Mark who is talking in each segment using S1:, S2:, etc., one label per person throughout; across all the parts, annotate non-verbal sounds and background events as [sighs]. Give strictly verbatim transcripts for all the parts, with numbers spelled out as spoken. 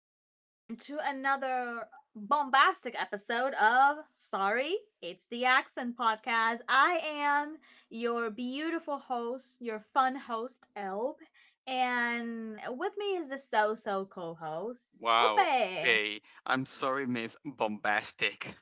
S1: once again to another bombastic episode of Sorry, It's the Accent Podcast. I am your beautiful host, your fun host, Elb. And with me is the so so co host,
S2: Wow.
S1: Upe.
S2: Okay. I'm sorry, Miss Bombastic.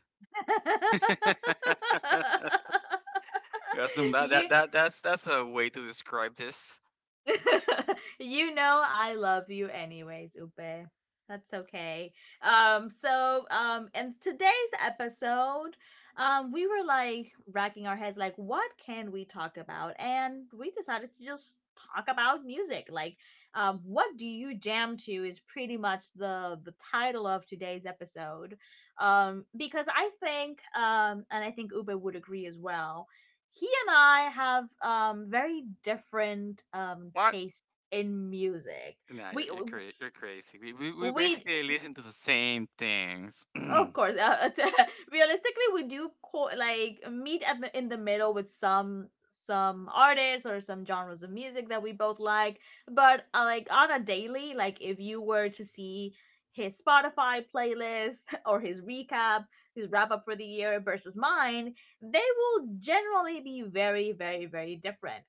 S2: [laughs]
S1: [laughs]
S2: That's that,
S1: you
S2: that that that's that's a way to describe this.
S1: [laughs] you know I love you anyways, Ube. That's okay. Um so um in today's episode, um we were like racking our heads like what can we talk about? And we decided to just talk about music. Like um what do you jam to is pretty much the the title of today's episode. Um, because I think um and I think Ube would agree as well, he and I have um very different um
S2: What?
S1: taste in music.
S2: Nah, you're
S1: We
S2: you're, cra- you're crazy. We, we we
S1: we
S2: basically listen to the same things. [clears throat]
S1: of course uh, [laughs] realistically we do co- like meet at the, in the middle with some some artists or some genres of music that we both like, but uh, like on a daily, like if you were to see his Spotify playlist [laughs] or his recap, his wrap up for the year versus mine, they will generally be very very very different,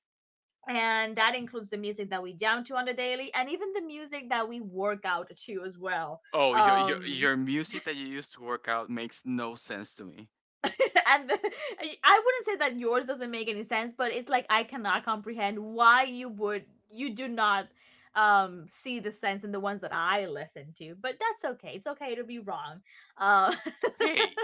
S1: and that includes the music that we jam to on the daily and even the music that we work out to as well.
S2: Oh, your your
S1: um
S2: your music that you use to work out makes no sense to me.
S1: [laughs] and the, I wouldn't say that yours doesn't make any sense, but it's like I cannot comprehend why you would, you do not um see the sense in the ones that I listen to. But that's okay, it's okay to be wrong. uh [laughs]
S2: Hey.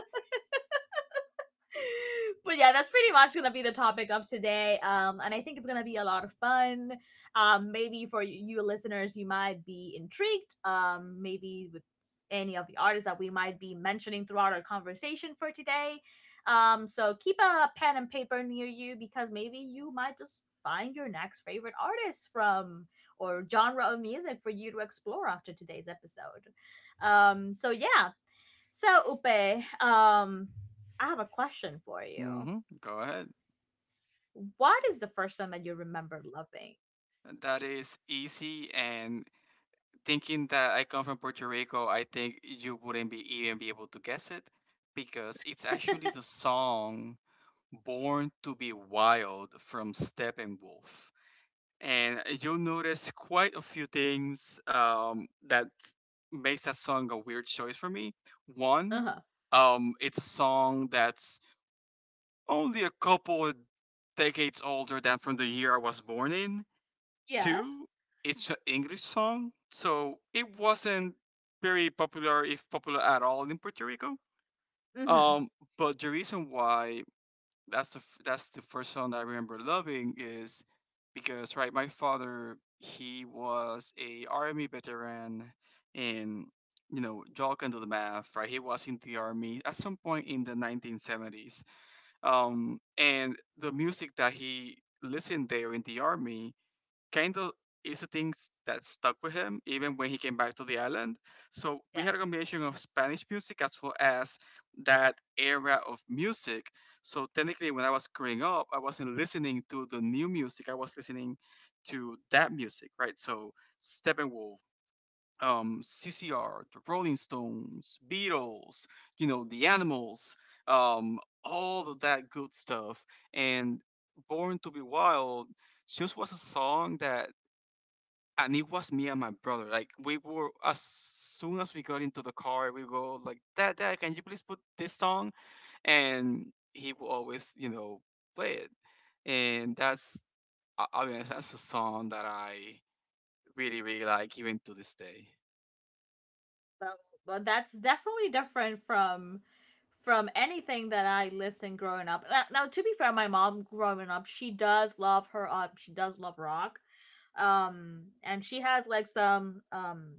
S1: but yeah, that's pretty much gonna be the topic of today. Um, and I think it's gonna be a lot of fun. Um, maybe for you listeners, you might be intrigued. Um, maybe with any of the artists that we might be mentioning throughout our conversation for today. Um, so keep a pen and paper near you because maybe you might just find your next favorite artist from or genre of music for you to explore after today's episode. Um, so yeah. So Upe, um, I have a question for you.
S2: Mhm. Go ahead.
S1: What is the first song that you remember loving?
S2: That is easy and thinking that I come from Puerto Rico, I think you wouldn't be even be able to guess it because it's actually the song Born to Be Wild from Steppenwolf. And you'll notice quite a few things um, that makes that song a weird choice for me.
S1: Uh
S2: One,
S1: huh.
S2: um, it's a song that's only a couple of decades older than from the year I was born in. Two,
S1: Yes.
S2: it's an English song, so it wasn't very popular, if popular at all, in Puerto Rico.
S1: Mm-hmm.
S2: Um, but the reason why that's the f- that's the first song that I remember loving is because right, my father he was a army veteran, and you know, y'all can do the math, right? He was in the army at some point in the nineteen seventies. Um, and the music that he listened there in the army kind of is the things that stuck with him even when he came back to the island. So we
S1: Yeah.
S2: had a combination of Spanish music as well as that era of music. So technically, when I was growing up, I wasn't listening to the new music. I was listening to that music, right? So Steppenwolf, um, C C R, the Rolling Stones, Beatles, you know, the Animals, um, all of that good stuff. And Born to Be Wild just was a song that and it was me and my brother. Like we were as soon as we got into the car, we go like, "Dad, Dad, can you please put this song?" And he will always, you know, play it. And that's, I I mean, that's a song that I really, really like even to this day.
S1: Well, well, that's definitely different from from anything that I listened growing up. Now, now, to be fair, my mom growing up, she does love her. Uh, she does love rock. Um, and she has like some um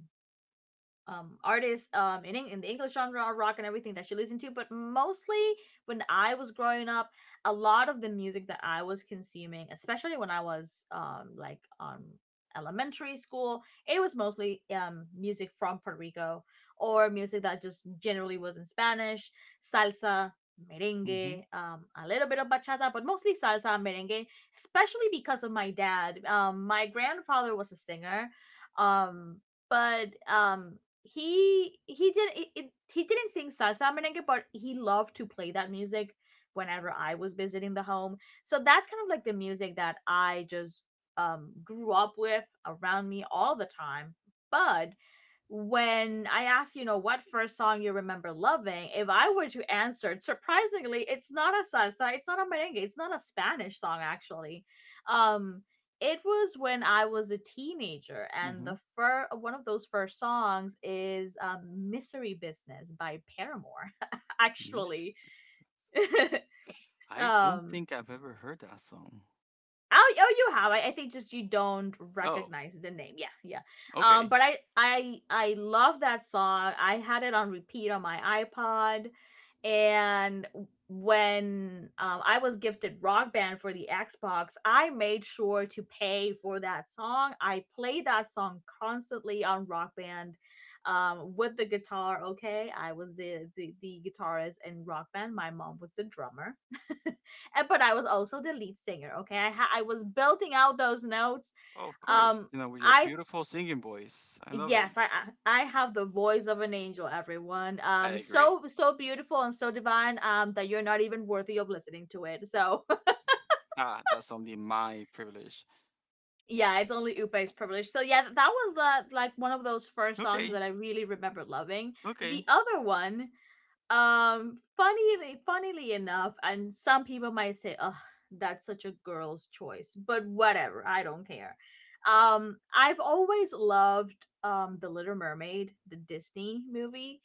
S1: um artists um in, Eng- in the English genre of rock and everything that you listen to, but mostly when I was growing up, a lot of the music that I was consuming, especially when I was um like on elementary school, it was mostly um music from Puerto Rico or music that just generally was in Spanish. Salsa,
S2: Hmm.
S1: merengue, um a little bit of bachata, but mostly salsa and merengue, especially because of my dad. Um my grandfather was a singer, um but um he he did it, it, he didn't sing salsa, merengue, but he loved to play that music whenever I was visiting the home. So that's kind of like the music that I just um grew up with around me all the time. But when I ask, you know, what first song you remember loving, if I were to answer, surprisingly, it's not a salsa, it's not a merengue, it's not a Spanish song actually. Um, it was when I was a teenager, and
S2: Hmm.
S1: the fir- one of those first songs is um, "Misery Business" by Paramore. [laughs]
S2: Mystery
S1: Actually,
S2: Business.
S1: [laughs]
S2: I don't
S1: um,
S2: think I've ever heard that song.
S1: Oh, oh, you have. I, I think just you don't
S2: Oh,
S1: recognize the name. Yeah, yeah. Um,
S2: okay.
S1: but I, I, I love that song. I had it on repeat on my iPod, and when um, I was gifted Rock Band for the Xbox, I made sure to pay for that song. I played that song constantly on Rock Band, um, with the guitar. Okay, I was the the the guitarist in Rock Band. My mom was the drummer. [laughs] Eh, but I was also the lead singer. Okay, I ha- I was belting out those notes.
S2: Oh, of course.
S1: Um,
S2: You know, with your
S1: I
S2: beautiful singing voice. I love it.
S1: Yes, I I I have the voice of an angel. Everyone,
S2: I
S1: um,
S2: agree.
S1: so so beautiful and so divine. Um, that you're not even worthy of listening to it. So
S2: Ah, that's only my privilege.
S1: [laughs] yeah, it's only Upe's privilege. So yeah, th- that was the like one of those first songs
S2: Okay,
S1: that I really remember loving. The
S2: okay.
S1: other one, um, funnily, funnily enough, and some people might say, "Oh, that's such a girl's choice," but whatever, I don't care. Um, I've always loved um the Little Mermaid, the Disney movie,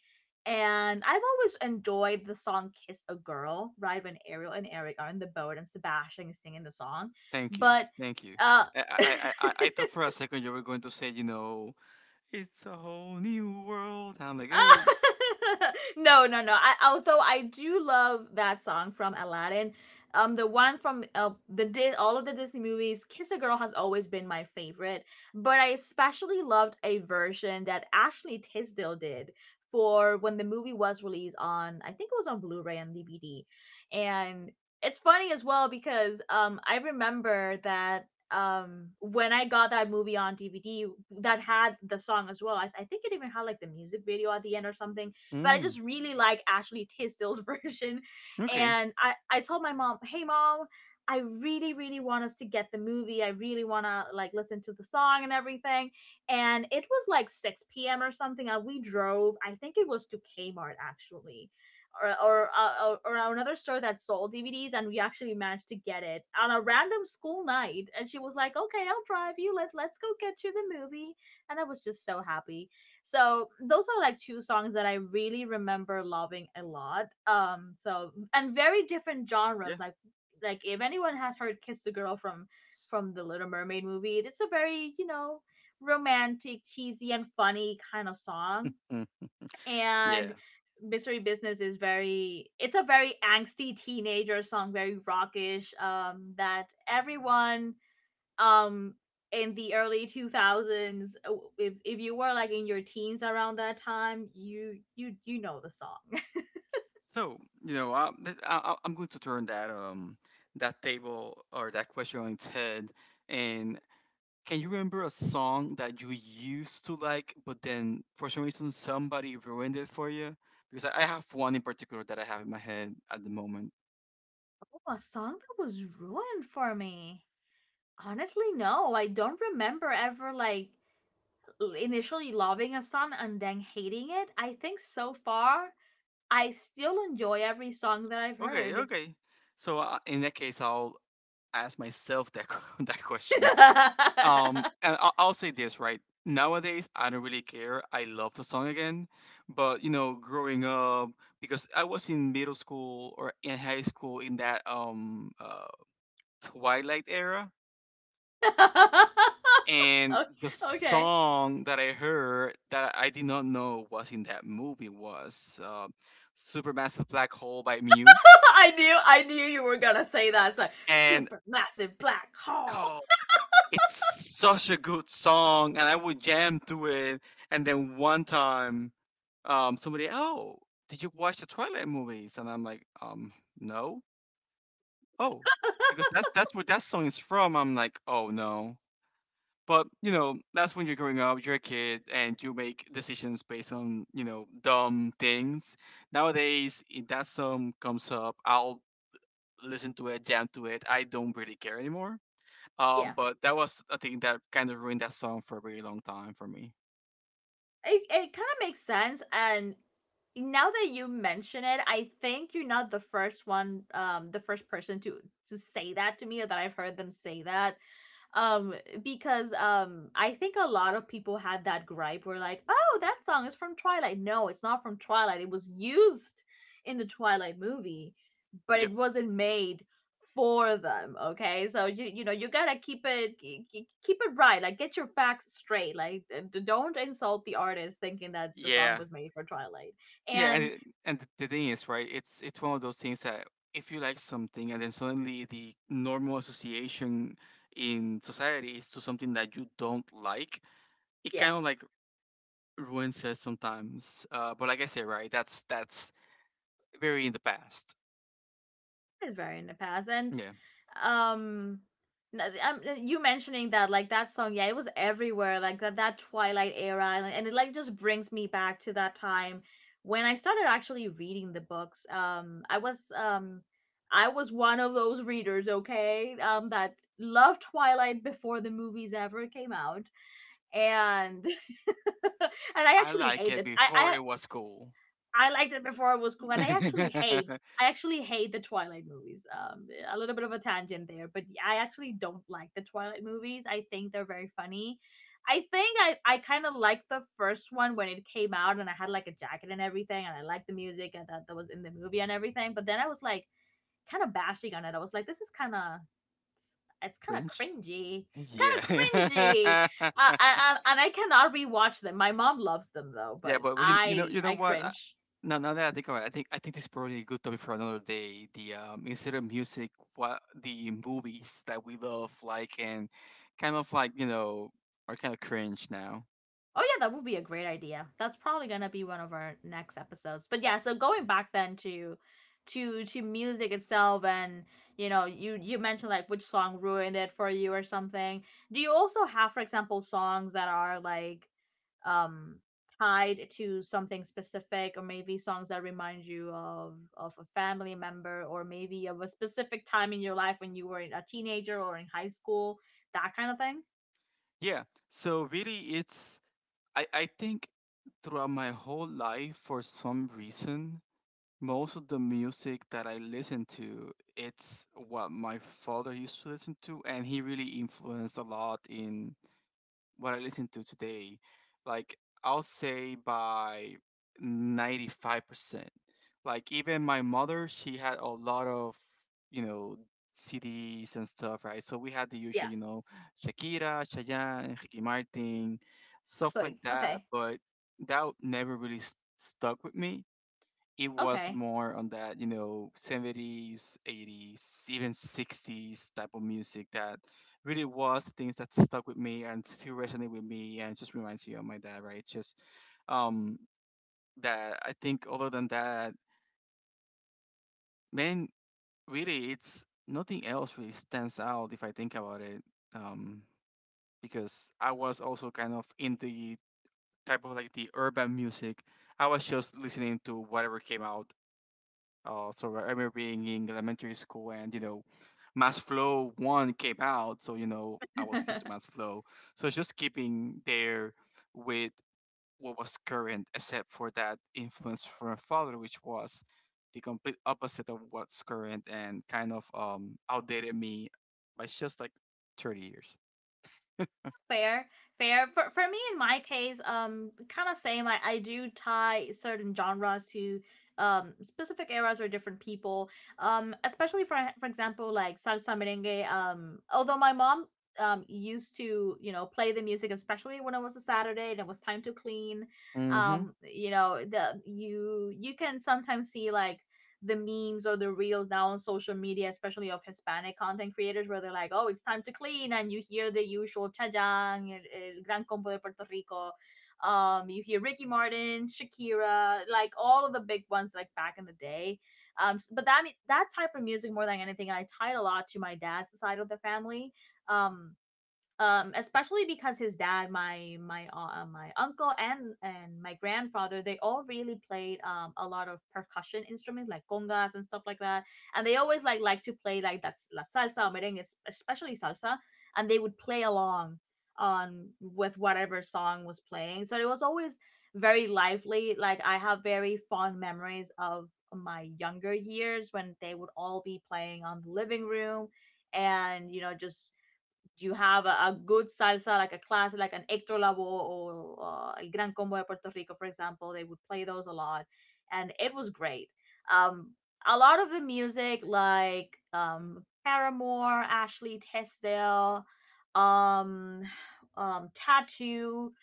S1: and I've always enjoyed the song "Kiss a Girl." Right when Ariel and Eric are in the boat and Sebastian is singing the song,
S2: Thank you.
S1: but
S2: Thank you.
S1: uh.
S2: I, I,
S1: [laughs]
S2: I, I I thought for a second you were going to say, you know, it's a whole new world. I'm like, uh,
S1: [laughs] No, no, no. I, although I do love that song from Aladdin, um, the one from uh, the Di- all of the Disney movies, "Kiss a Girl" has always been my favorite. But I especially loved a version that Ashley Tisdale did for when the movie was released on, I think it was on Blu-ray and D V D, and it's funny as well because um, I remember that um when I got that movie on D V D, that had the song as well. I, I think it even had like the music video at the end or something. But I
S2: mm,
S1: just really like Ashley Tisdale's [laughs] version.
S2: okay,
S1: And I I told my mom, "Hey mom, I really really want us to get the movie. I really want to like listen to the song and everything." And it was like six p m or something and we drove. I think it was to Kmart actually, or or, uh, or or another store that sold D V Ds, and we actually managed to get it on a random school night. And she was like, "Okay, I'll drive you. Let let's go get you the movie." And I was just so happy. So those are like two songs that I really remember loving a lot. Um, so and very different
S2: yeah,
S1: genres. Like like if anyone has heard "Kiss the Girl" from from the Little Mermaid movie, it's a very, you know, romantic, cheesy, and funny kind of song,
S2: mm,
S1: and
S2: yeah.
S1: mystery business is very, it's a very angsty teenager song, very rockish, um that everyone um in the early two thousands uh, if, if you were like in your teens around that time, you you you know the song. [laughs]
S2: So you know, I, th- I, I- I'm going to turn that um that table or that question on its head. And can you remember a song that you used to like, but then for some reason somebody ruined it for you? Because I, I have one in particular that I have in my head at the moment.
S1: Oh, a song that was ruined for me, honestly, no, I don't remember ever like initially loving a song and then hating it. I think so far I still enjoy every song that I've
S2: Okay,
S1: heard.
S2: okay. So uh, in that case, I'll ask myself that [laughs] que- that question.
S1: [laughs]
S2: Um, and I'll, I'll say this, right? Nowadays, I don't really care. I love the song again, but you know, growing up, because I was in middle school or in high school in that um uh, Twilight era, and the
S1: Okay.
S2: song that I heard that I did not know was in that movie was uh, "Supermassive Black Hole" by Muse,
S1: [laughs] I knew I knew you were gonna say that. It's like
S2: and
S1: super massive black hole.
S2: it's such a good song, and I would jam to it. And then one time, um, somebody, oh, did you watch the Twilight movies? And I'm like, um, no. Oh, because that's that's where that song is from. I'm like, oh no. But you know, that's when you're growing up. You're a kid, and you make decisions based on you know dumb things. Nowadays, if that song comes up, I'll listen to it, jam to it. I don't really care anymore um,
S1: Yeah.
S2: but that was a thing that kind of ruined that song for a really long time for me.
S1: It it kinda makes sense, and now that you mention it, I think you're not the first one, um the first person to to say that to me or that I've heard them say that. um because um I think a lot of people had that gripe where like, oh, that song is from Twilight. No, it's not from Twilight, it was used in the Twilight movie, but it
S2: Yep.
S1: wasn't made for them. Okay, so you you know, you gotta keep it, keep it right. Like, get your facts straight. Like, d- don't insult the artist thinking that the song
S2: Yeah.
S1: was made for Twilight.
S2: Yeah, and
S1: And
S2: it, and the thing is, right? It's it's one of those things that if you like something and then suddenly the normal association in society is to something that you don't like, it
S1: yeah,
S2: kind of like ruins it sometimes. Uh, but like I said, right? That's that's very in the past.
S1: it's very in the past, and
S2: Yeah.
S1: um, n- um, you mentioning that like that song, yeah, it was everywhere, like that that Twilight era, and, and it like just brings me back to that time when I started actually reading the books. Um, I was um, I was one of those readers, okay, um, that loved Twilight before the movies ever came out, and [laughs] and I
S2: I
S1: actually
S2: like it
S1: hated.
S2: before
S1: I
S2: it was cool.
S1: I liked it before it was cool, and I actually hate.
S2: [laughs]
S1: I actually hate the Twilight movies. Um, a little bit of a tangent there, but yeah, I actually don't like the Twilight movies. I think they're very funny. I think I, I kind of liked the first one when it came out, and I had like a jacket and everything, and I liked the music and that that was in the movie and everything. But then I was like kind of bashing on it. I was like, this is kind of, it's kind of
S2: Cringe.
S1: cringy. It's
S2: Yeah.
S1: kind of cringy. Uh,
S2: [laughs]
S1: and, and I cannot rewatch them. My mom loves them though,
S2: Yeah,
S1: but
S2: but, but you, you know
S1: I
S2: you know
S1: I
S2: what? I,
S1: cringe.
S2: now now that I think about it, I think I think this is probably a good topic for another day. The um instead of music, what the movies that we love, like and kind of like you know are kind of cringe now.
S1: Oh yeah, that would be a great idea. That's probably gonna be one of our next episodes. But yeah, so going back then to to to music itself, and you know, you you mentioned like which song ruined it for you or something. Do you also have, for example, songs that are like um tied to something specific, or maybe songs that remind you of of a family member, or maybe of a specific time in your life when you were a teenager or in high school, that kind of thing?
S2: Yeah. So really, it's I I think throughout my whole life, for some reason, most of the music that I listen to, it's what my father used to listen to, and he really influenced a lot in what I listen to today, like I'll say by ninety-five percent. Like even my mother, she had a lot of, you know, C Ds and stuff, right? So we had the
S1: Yeah.
S2: usual, you know, Shakira, Chayanne, Ricky Martin, stuff like
S1: Okay.
S2: that,
S1: Okay.
S2: but that never really st- stuck with me. It was
S1: Okay.
S2: more on that you know seventies eighties even sixties type of music that really was things that stuck with me and still resonate with me and just reminds you of my dad, right? Just um that I think other than that, man, really it's nothing else really stands out if I think about it, um because I was also kind of in the type of like the urban music. I was just listening to whatever came out. Uh, so I remember being in elementary school, and you know, Mass Flow one came out, so you know I was into
S1: [laughs]
S2: Mass Flow. So it's just keeping there with what was current, except for that influence from my father, which was the complete opposite of what's current and kind of um outdated me by just like thirty years.
S1: fair Fair for, for me, in my case, um kind of same. I, I do tie certain genres to um specific eras or different people, um especially for for example, like salsa, merengue. Um although my mom um used to, you know, play the music, especially when it was a Saturday and it was time to clean.
S2: Mm-hmm.
S1: Um you know, the you you can sometimes see like the memes or the reels now on social media, especially of Hispanic content creators, where they're like, "Oh, it's time to clean," and you hear the usual Chayang, el, el Gran Combo de Puerto Rico. Um, you hear Ricky Martin, Shakira, like all of the big ones, like back in the day. Um, s- but that that type of music, more than anything, I tied a lot to my dad's side of the family. Um, um Especially because his dad, my my uh, my uncle and and my grandfather, they all really played um a lot of percussion instruments, like congas and stuff like that. And they always like like to play, like, that's la salsa or merengue, es- especially salsa, and they would play along on with whatever song was playing. So it was always very lively. Like, I have very fond memories of my younger years when they would all be playing on the living room, and, you know, just you have a, a good salsa, like a classic, like an Hector Lavoe or uh, El Gran Combo de Puerto Rico, for example. They would play those a lot, and it was great. Um, a lot of the music, like um, Paramore, Ashley Tisdale, um, [sighs] um, Tattoo,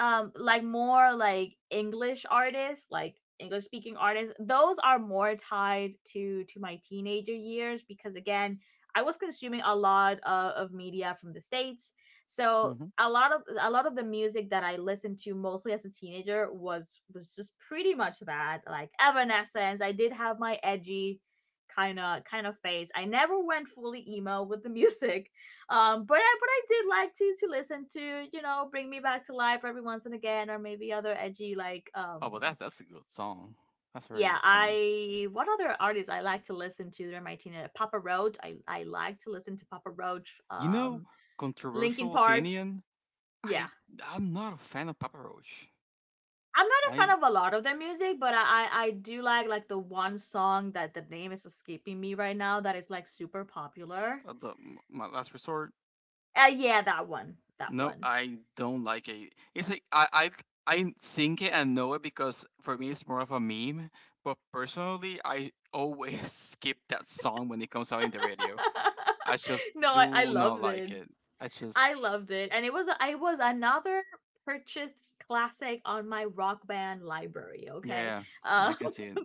S1: um like more like English artists, like english speaking artists, those are more tied to to my teenager years, because again, I was consuming a lot of, of media from the States. So
S2: Mm-hmm.
S1: a lot of a lot of the music that I listened to mostly as a teenager was was just pretty much that, like Evanescence. I did have my edgy kind of kind of phase. I never went fully emo with the [laughs] music. Um but i but I did like to to listen to, you know, Bring Me Back to Life every once and again, or maybe other edgy, like,
S2: Oh
S1: um
S2: well, that that's a good song. That's a very
S1: yeah.
S2: good song.
S1: I What other artists I like to listen to during my teenage? Papa Roach. I I like to listen to Papa Roach.
S2: You know,
S1: um Linkin
S2: controversial
S1: Park,
S2: opinion.
S1: yeah.
S2: I I'm not a fan of Papa Roach.
S1: I'm not a fan
S2: I
S1: of a lot of their music, but i i, I do like like the one song that the name is escaping me right now, that is like super popular.
S2: uh, the my last resort.
S1: Uh yeah, that one, that
S2: No,
S1: one
S2: I don't like it. It's like I I I think it and know it because for me it's more of a meme. But personally, I always [laughs] skip that song when it comes out in the radio. I just
S1: [laughs] no I, I
S2: do not
S1: loved it.
S2: like it. I
S1: I
S2: just
S1: loved it, and it was I was another purchased classic on my Rock Band library. Okay,
S2: yeah,
S1: um,
S2: I can see it.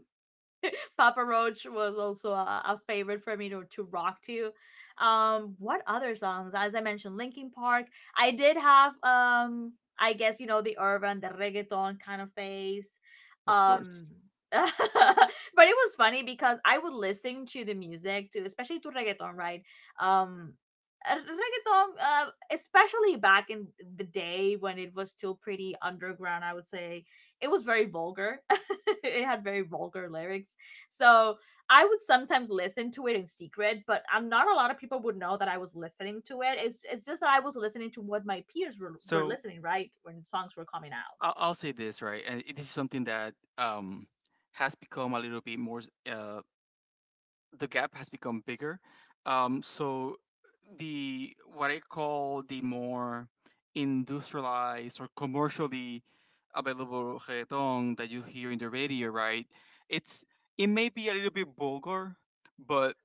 S1: [laughs] Papa Roach was also a, a favorite for me to, to rock to. Um, what other songs? As I mentioned, Linkin Park. I did have, um, I guess, you know, the urban, the reggaeton kind of phase.
S2: Of course.
S1: Um, [laughs] but it was funny because I would listen to the music, to, especially to reggaeton, right? Um, uh, Reggaeton, uh, especially back in the day when it was still pretty underground, I would say it was very vulgar. [laughs] It had very vulgar lyrics, so I would sometimes listen to it in secret, but I am not a lot of people would know that I was listening to it. It's it's just that I was listening to what my peers were were
S2: So
S1: listening, right, when songs were coming out.
S2: I'll, I'll say this right, and it is something that um has become a little bit more uh the gap has become bigger. Um, so the what I call the more industrialized or commercially available reggaeton that you hear in the radio, right? It's it may be a little bit vulgar, but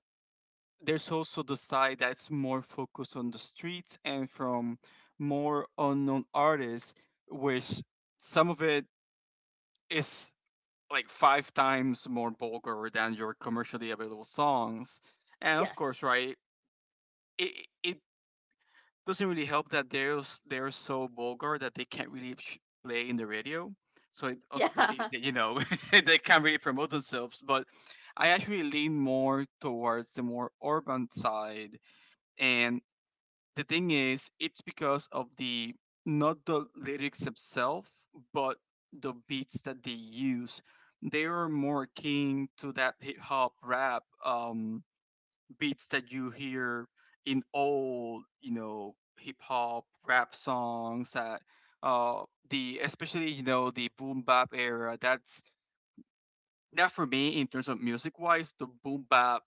S2: there's also the side that's more focused on the streets and from more unknown artists, which some of it is like five times more vulgar than your commercially available songs. And of course,
S1: Yes.
S2: right, it it doesn't really help that they're s- they're so vulgar that they can't really sh- play in the radio. So it also it,
S1: Yeah.
S2: you know [laughs] they can't really promote themselves. But I actually lean more towards the more urban side, and the thing is it's because of the not the lyrics themselves but the beats that they use. They are more keen to that hip hop rap um beats that you hear in old you know hip hop rap songs that uh the especially you know the boom bap era. That's now, for me, in terms of music wise, the boom bap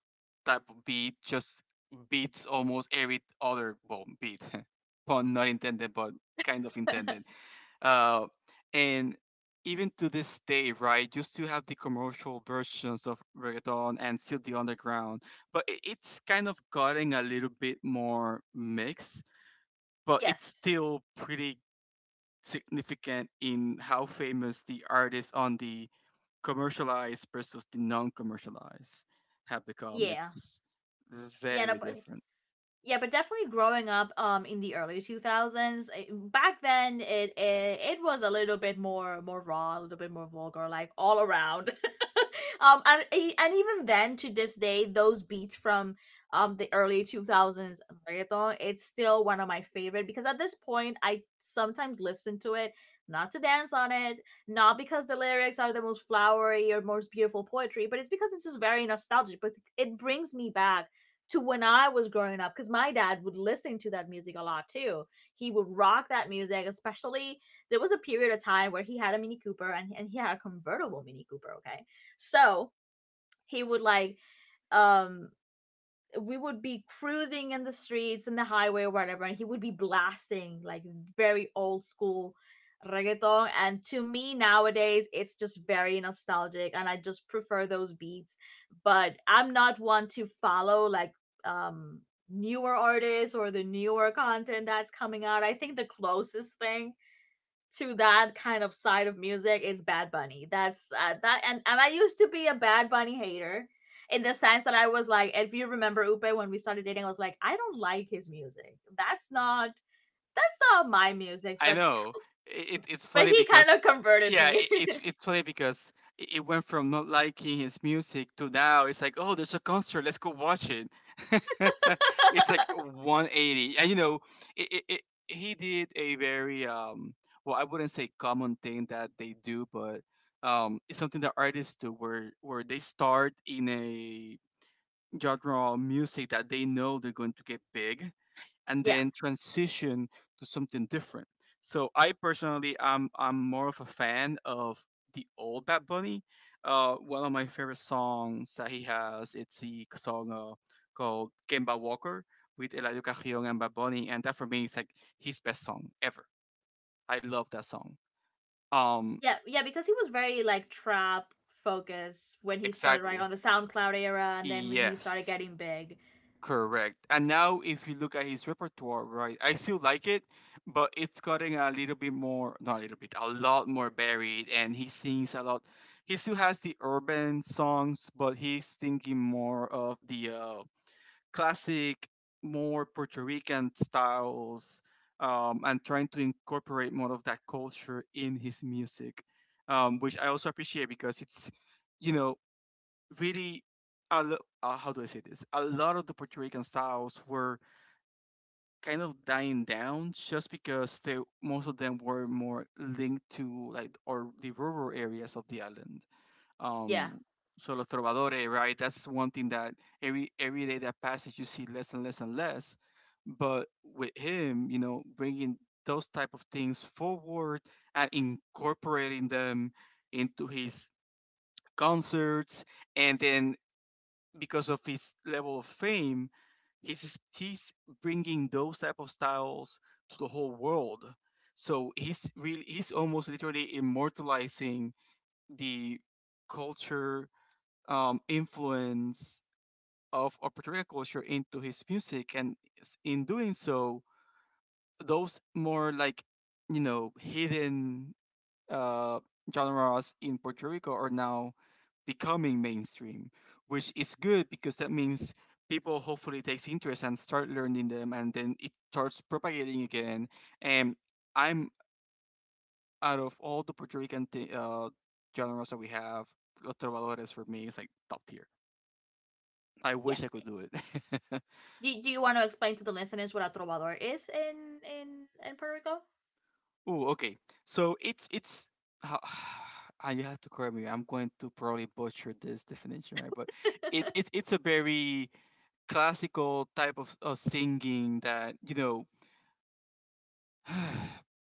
S2: type of beat just beats almost every other well beat, [laughs] pun not intended, but kind of
S1: [laughs]
S2: intended. Uh, and even to this day, right, you still have the commercial versions of reggaeton and still the underground, but it, it's kind of gotten a little bit more mixed, but it's
S1: Yes.
S2: still pretty significant in how famous the artists on the commercialized versus the non-commercialized have become.
S1: Yeah.
S2: It's
S1: Yeah. No,
S2: very
S1: but
S2: different.
S1: Yeah, but definitely growing up, um, in the early two thousands, eh, back then, it, it it was a little bit more more raw, a little bit more vulgar, like, all around. [laughs] Um and e- and even then, to this day, those beats from um the early two thousands reggaeton, it's still one of my favorite because at this point I sometimes listen to it, not to dance on it, not because the lyrics are the most flowery or most beautiful poetry, but it's because it's just very nostalgic. But it brings me back to when I was growing up, because my dad would listen to that music a lot too. He would rock that music. Especially, there was a period of time where he had a Mini Cooper, and, and he had a convertible Mini Cooper, okay? So he would like, um, we would be cruising in the streets, in the highway or whatever, and he would be blasting like very old school reggaeton, and to me nowadays it's just very nostalgic, and I just prefer those beats. But I'm not one to follow like, um newer artists or the newer content that's coming out. I think the closest thing to that kind of side of music is Bad Bunny. That's uh, that, and and I used to be a Bad Bunny hater, in the sense that I was like, if you remember, Upe, when we started dating, I was like, I don't like his music. That's not that's not my music.
S2: I
S1: but
S2: know. I- It, it's
S1: but
S2: funny
S1: he
S2: because
S1: kind of converted
S2: yeah,
S1: me.
S2: it, it's it's funny because it it went from not liking his music to now it's like oh there's a concert let's go watch it. [laughs] It's like one eighty and you know it, it, it he did a very um well I wouldn't say common thing that they do but um it's something that artists do where where they start in a genre of music that they know they're going to get big and
S1: [laughs] yeah,
S2: then transition to something different. So I personally I'm I'm more of a fan of the old Bad Bunny. Uh, one of my favorite songs that he has it's the song uh, called Kemba Walker with Eladio Carrion and Bad Bunny, and that for me is like his best song ever. I love that song. Um,
S1: yeah, yeah, because he was very like trap focused when he started, right,
S2: exactly.
S1: on the SoundCloud era, and then when he started
S2: Yes.
S1: getting big.
S2: Correct. And now, if you look at his repertoire, right, I still like it, but it's getting a little bit more, not a little bit, a lot more buried, and he sings a lot. He still has the urban songs, but he's thinking more of the uh, classic, more Puerto Rican styles, um, and trying to incorporate more of that culture in his music, um, which I also appreciate because it's, you know, really a lo- uh, how do I say this? A lot of the Puerto Rican styles were kind of dying down just because they most of them were more linked to like or the rural areas of the island.
S1: Yeah,
S2: Um, so los trovadores, right? That's one thing that every every day that passes you see less and less and less. But with him, you know, bringing those type of things forward and incorporating them into his concerts, and then because of his level of fame, he's he's bringing those type of styles to the whole world. So he's really he's almost literally immortalizing the culture um, influence of a particular culture into his music, and in doing so, those more like you know hidden uh, genres in Puerto Rico are now becoming mainstream, which is good because that means people hopefully takes interest and start learning them, and then it starts propagating again. And I'm out of all the Puerto Rican th- uh, genres that we have, Los Trovadores for me is like top tier. I
S1: yeah.
S2: wish I could do it. [laughs]
S1: Do, do you want to explain to the listeners what a trovador is in in in Puerto Rico?
S2: Ooh, okay. So it's it's. How [sighs] and you have to correct me. I'm going to probably butcher this definition, right? But it, it it's a very classical type of, of singing that you know [sighs]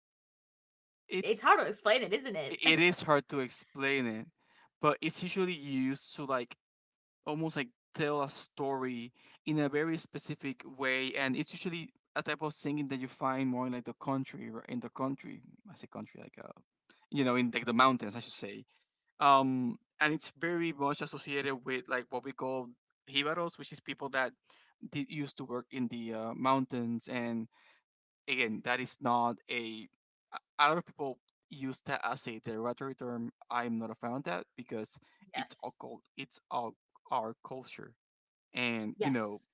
S1: It's hard to
S2: it's
S1: explain it, isn't it? [laughs]
S2: it is hard to explain it, but it's usually used to like almost like tell a story in a very specific way, and it's usually a type of singing that you find more in like the country or in the country. I say country like uh you know, in like the mountains I should say. Um, and it's very much associated with like what we call jibaros, which is people that did used to work in the uh, mountains. And again, that is not a. A lot of people use that as a derogatory term. I'm not a fan of that because it's our
S1: Yes.
S2: cul- it's our our culture, and you know,
S1: Yes.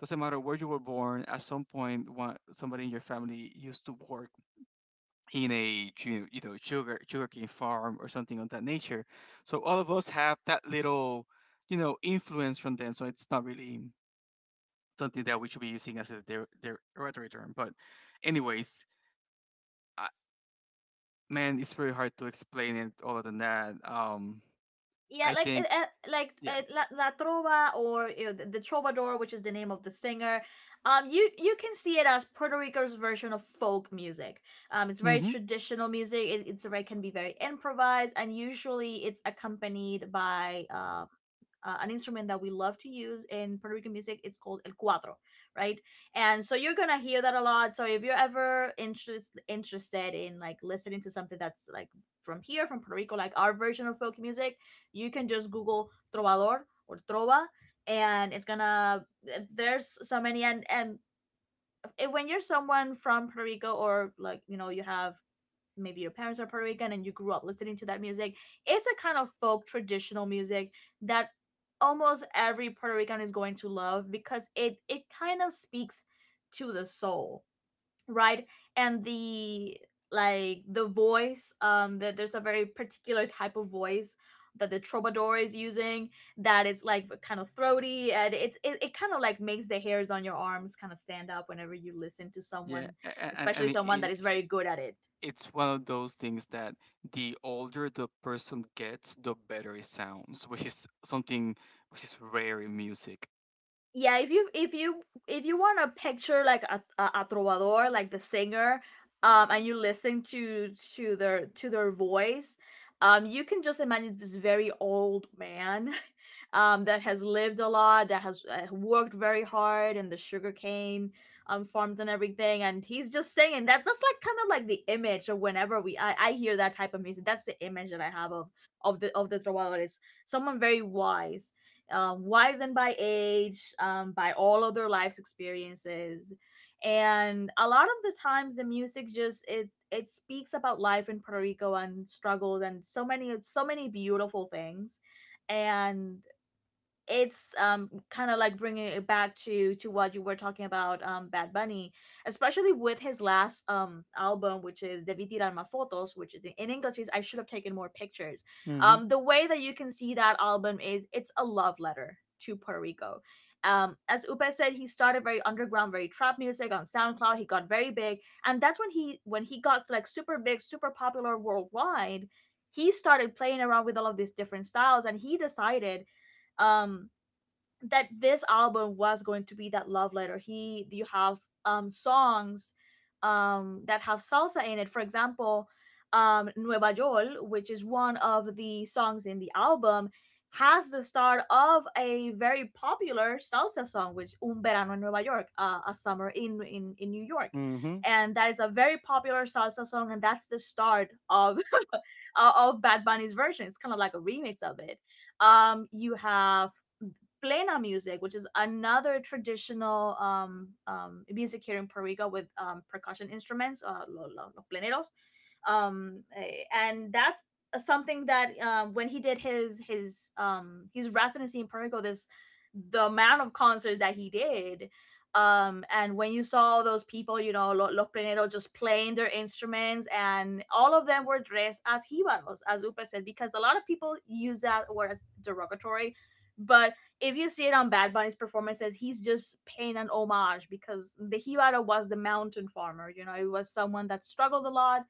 S2: doesn't matter where you were born. At some point, one, somebody in your family used to work in a ju- you know sugar sugarcane farm or something of that nature. So all of us have that little you know influence from them. So it's not really something that we should be using as a der- derogatory term. But anyways. Man, it's very hard to explain it other than that. Um,
S1: yeah,
S2: I
S1: like uh,
S2: think,
S1: uh, Like
S2: yeah,
S1: uh, La, La Trova, or, you know, the, the Trovador, which is the name of the singer. Um, you you can see it as Puerto Rico's version of folk music. Um, it's very
S2: mm-hmm.
S1: traditional music. It it's very, can be very improvised, and usually it's accompanied by, um uh, uh, an instrument that we love to use in Puerto Rican music. It's called el cuatro, right? And so you're gonna hear that a lot. So if you're ever interest interested in like listening to something that's like from here, from Puerto Rico, like our version of folk music, you can just Google trovador or trova, and it's gonna, eh, there's so many. And and if, when you're someone from Puerto Rico, or, like, you know, you have maybe your parents are Puerto Rican and you grew up listening to that music. It's a kind of folk traditional music that almost every Puerto Rican is going to love, because it it kind of speaks to the soul, right? And the, like, the voice, um, that there's a very particular type of voice that the troubadour is using, that it's like kind of throaty, and it's it, it kind of like makes the hairs on your arms kind of stand up whenever you listen to
S2: Yeah,
S1: someone,
S2: and,
S1: especially
S2: and it-
S1: someone that is
S2: it's
S1: very good at it.
S2: it's one of those things that the older the person gets, the better it sounds, which is something which is rare in music.
S1: Yeah, if you if you if you want to picture like a, a, a trovador, like the singer, um, and you listen to to their to their voice, um, you can just imagine this very old man [laughs] um, that has lived a lot, that has, uh, worked very hard in the sugarcane um farms and everything, and he's just singing that. That's like kind of like the image of whenever we i, I hear that type of music. That's the image that I have of of the of the trovador is someone very wise, um, wizened by age, um, by all of their life's experiences. And a lot of the times the music just, it it speaks about life in Puerto Rico, and struggles, and so many so many beautiful things. And it's, um, kind of like bringing it back to to what you were talking about, um, Bad Bunny, especially with his last, um, album, which is Debí Tirarme Fotos, which is in, in English, is I Should Have Taken More Pictures.
S2: [laughs] Mm-hmm.
S1: Um, the way that you can see that album is it's a love letter to Puerto Rico. Um, as Upe said, he started very underground, very trap music, on SoundCloud. He got very big, and that's when he when he got like super big, super popular worldwide. He started playing around with all of these different styles, and he decided, um, that this album was going to be that love letter. He, you have, um, songs, um, that have salsa in it. For example, um, Nueva Yol, which is one of the songs in the album, has the start of a very popular salsa song, which Un Verano en Nueva York, uh, a summer in, in in New York.
S2: Mm-hmm.
S1: And that is a very popular salsa song, and that's the start of [laughs] of Bad Bunny's version. It's kind of like a remix of it. Um you have plena music, which is another traditional um, um, music here in Puerto Rico with um, percussion instruments, uh, lo- lo- los pleneros. Um, eh, and that's something that, um, when he did his his um, his residency in Puerto Rico, this the amount of concerts that he did. Um, and when you saw those people, you know, lo- los pleneros just playing their instruments, and all of them were dressed as jibaros, as Upa said, because a lot of people use that word as derogatory. But if you see it on Bad Bunny's performances, he's just paying an homage because the Hibara was the mountain farmer. You know, it was someone that struggled a lot,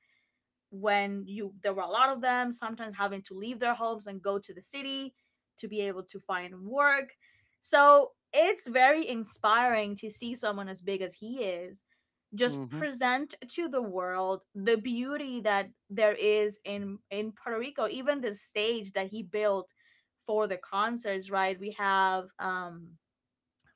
S1: when you there were a lot of them, sometimes having to leave their homes and go to the city to be able to find work. So it's very inspiring to see someone as big as he is just
S2: Mm-hmm.
S1: present to the world the beauty that there is in in Puerto Rico, even the stage that he built for the concerts, right? We have, um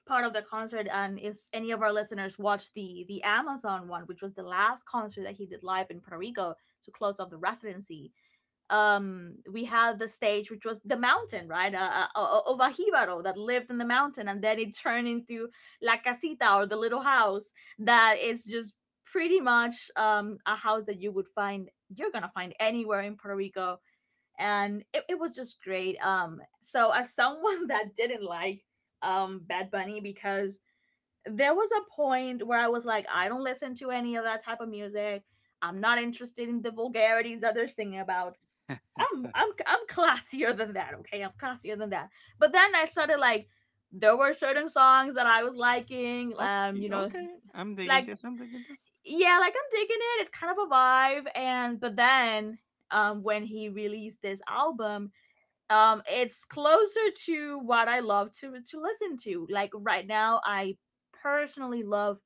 S1: part of the concert, and if any of our listeners watched the the Amazon one, which was the last concert that he did live in Puerto Rico to close off the residency. Um we had the stage, which was the mountain, right? Uh, uh, of a jíbaro that lived in the mountain, and then it turned into la casita, or the little house that is just pretty much um a house that you would find you're gonna find anywhere in Puerto Rico. And it, it was just great. Um so, as someone [laughs] that didn't like um Bad Bunny, because there was a point where I was like, I don't listen to any of that type of music. I'm not interested in the vulgarities that they're singing about. i'm
S2: [laughs]
S1: i'm i'm classier than that. Okay, I'm classier than that. But then I started, like, there were certain songs that I was liking, um
S2: Okay,
S1: you know,
S2: okay, I'm digging
S1: like.
S2: this. I'm digging this.
S1: Yeah, like, I'm digging it. It's kind of a vibe. And But then, um when he released this album, um it's closer to what I love to uh, to listen to. Like, right now I personally love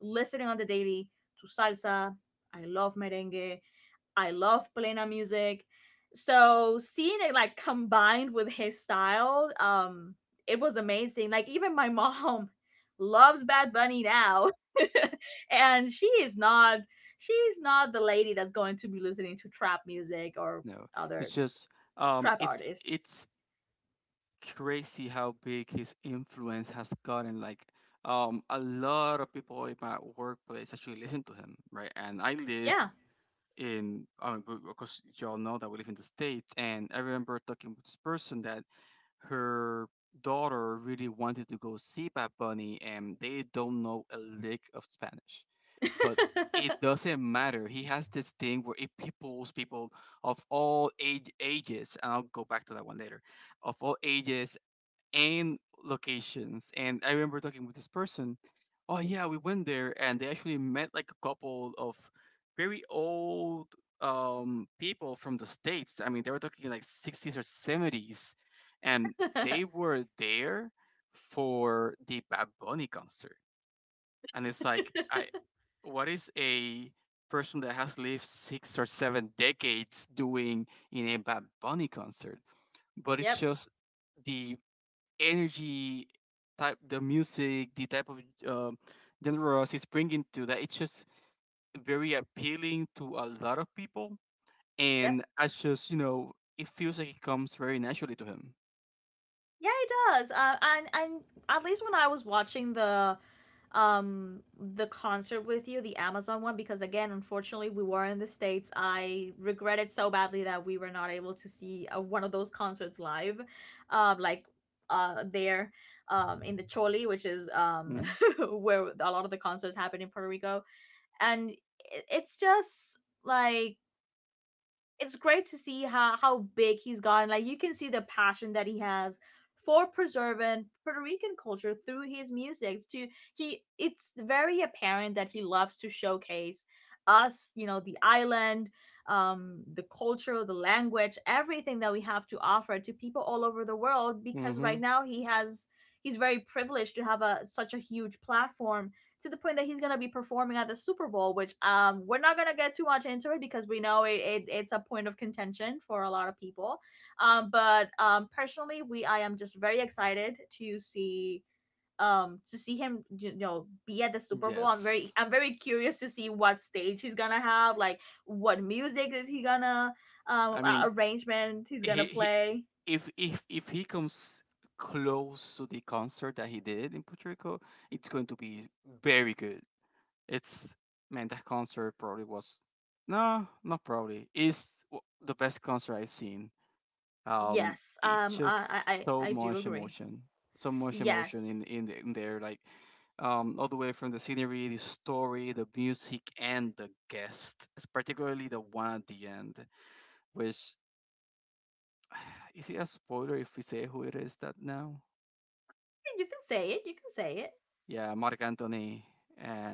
S1: listening on the daily to salsa. I love merengue. I love plena music. So seeing it like combined with his style, um it was amazing. Like, even my mom [laughs] loves Bad Bunny now. [laughs] And she is not she's not the lady that's going to be listening to trap music or
S2: No,
S1: other
S2: it's just um,
S1: trap
S2: it's
S1: artists.
S2: it's crazy how big his influence has gotten. Like, um, a lot of people in my workplace actually listen to him, right? And I live
S1: Yeah.
S2: in, I mean, because you all know that we live in the States. And I remember talking with this person that her daughter really wanted to go see Bad Bunny, and they don't know a lick of Spanish. But
S1: [laughs]
S2: it doesn't matter. He has this thing where it pulls people of all age ages, and I'll go back to that one later, of all ages and locations. And I remember talking with this person. Oh yeah, we went there, and they actually met like a couple of very old um, people from the states. I mean, they were talking like sixties or seventies, and they were there for the Bad Bunny concert. And it's like, I what is a person that has lived six or seven decades doing in a Bad Bunny concert? But it's
S1: Yep,
S2: just the energy type the music the type of um, genres he's bringing to, that it's just very appealing to a lot of people,
S1: yep.
S2: and I just you know it feels like it comes very naturally to him.
S1: Yeah, he does. Uh, and and at least when I was watching the um the concert with you, the Amazon one, because again, unfortunately, we were in the states. I regretted so badly that we were not able to see uh, one of those concerts live, um, like uh there, um, in the Choli, which is um
S2: Hmm.
S1: [laughs] where a lot of the concerts happen in Puerto Rico, and it, it's just like it's great to see how how big he's gotten. Like, you can see the passion that he has for preserving Puerto Rican culture through his music. To he, it's very apparent that he loves to showcase us. You know, the island, um, the culture, the language, everything that we have to offer to people all over the world. Because right
S2: Hmm.
S1: now he has. He's very privileged to have a such a huge platform, to the point that he's gonna be performing at the Super Bowl, which um we're not gonna get too much into it, because we know it, it it's a point of contention for a lot of people. Um, but um personally, we I am just very excited to see, um to see him, you know, be at the Super Bowl. I'm very
S2: Yes.
S1: I'm very curious to see what stage he's gonna have, like, what music is he gonna, um
S2: I
S1: uh,
S2: mean,
S1: arrangement he's
S2: he,
S1: gonna
S2: he
S1: play.
S2: if if if he comes close to the concert that he did in Puerto Rico, it's going to be very good. It's man, that concert probably was no, not probably is w- the best concert I've seen. Um,
S1: Yes,
S2: it's
S1: um I I
S2: just so
S1: I I do
S2: much
S1: agree.
S2: emotion, so much emotion
S1: Yes,
S2: in in, the- in there, like um, all the way from the scenery, the story, the music, and the guest. It's particularly the one at the end, which [sighs] is it a spoiler if we say who it is that now?
S1: you can say it. You can say it.
S2: Yeah, Marc Anthony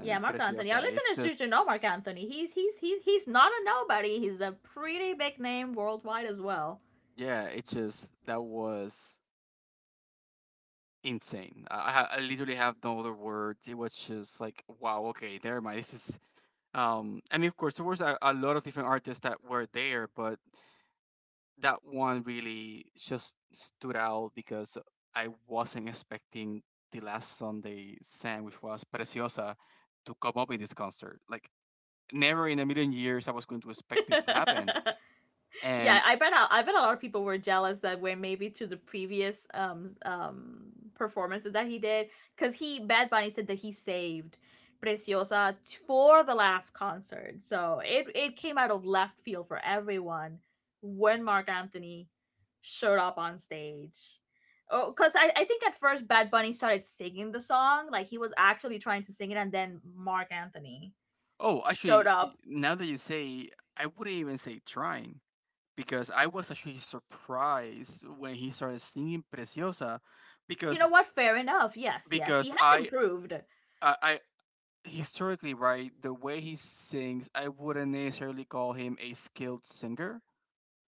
S1: Yeah, Mark Anthony. Our
S2: Preciosa. It's
S1: listeners
S2: just
S1: should know Mark Anthony. He's he's he's he's not a nobody. He's a pretty big name worldwide as well.
S2: yeah, it's just that was insane. I, I ha- I literally have no other word. It was just like, wow, okay, never mind. This is, um, I mean, of course, there was a, a lot of different artists that were there, but that one really just stood out because I wasn't expecting the last Sunday sang, which was Preciosa, to come up in this concert. Like, never in a million years I was going to expect this to happen.
S1: [laughs] Yeah,
S2: And,
S1: I bet I I bet a lot of people were jealous that were maybe to the previous um um performances that he did, because he Bad Bunny said that he saved Preciosa t- for the last concert, so it it came out of left field for everyone when Mark Anthony showed up on stage. Oh, because I, I think at first Bad Bunny started singing the song, like he was actually trying to sing it, and then Mark Anthony
S2: oh,
S1: showed
S2: actually, y-
S1: up.
S2: now that you say, I wouldn't even say trying because I was actually surprised when he started singing Preciosa
S1: You know
S2: because
S1: what? Fair enough. Yes, yes, he
S2: because
S1: has
S2: I
S1: improved.
S2: I, I historically, right, the way he sings I wouldn't necessarily call him a skilled singer,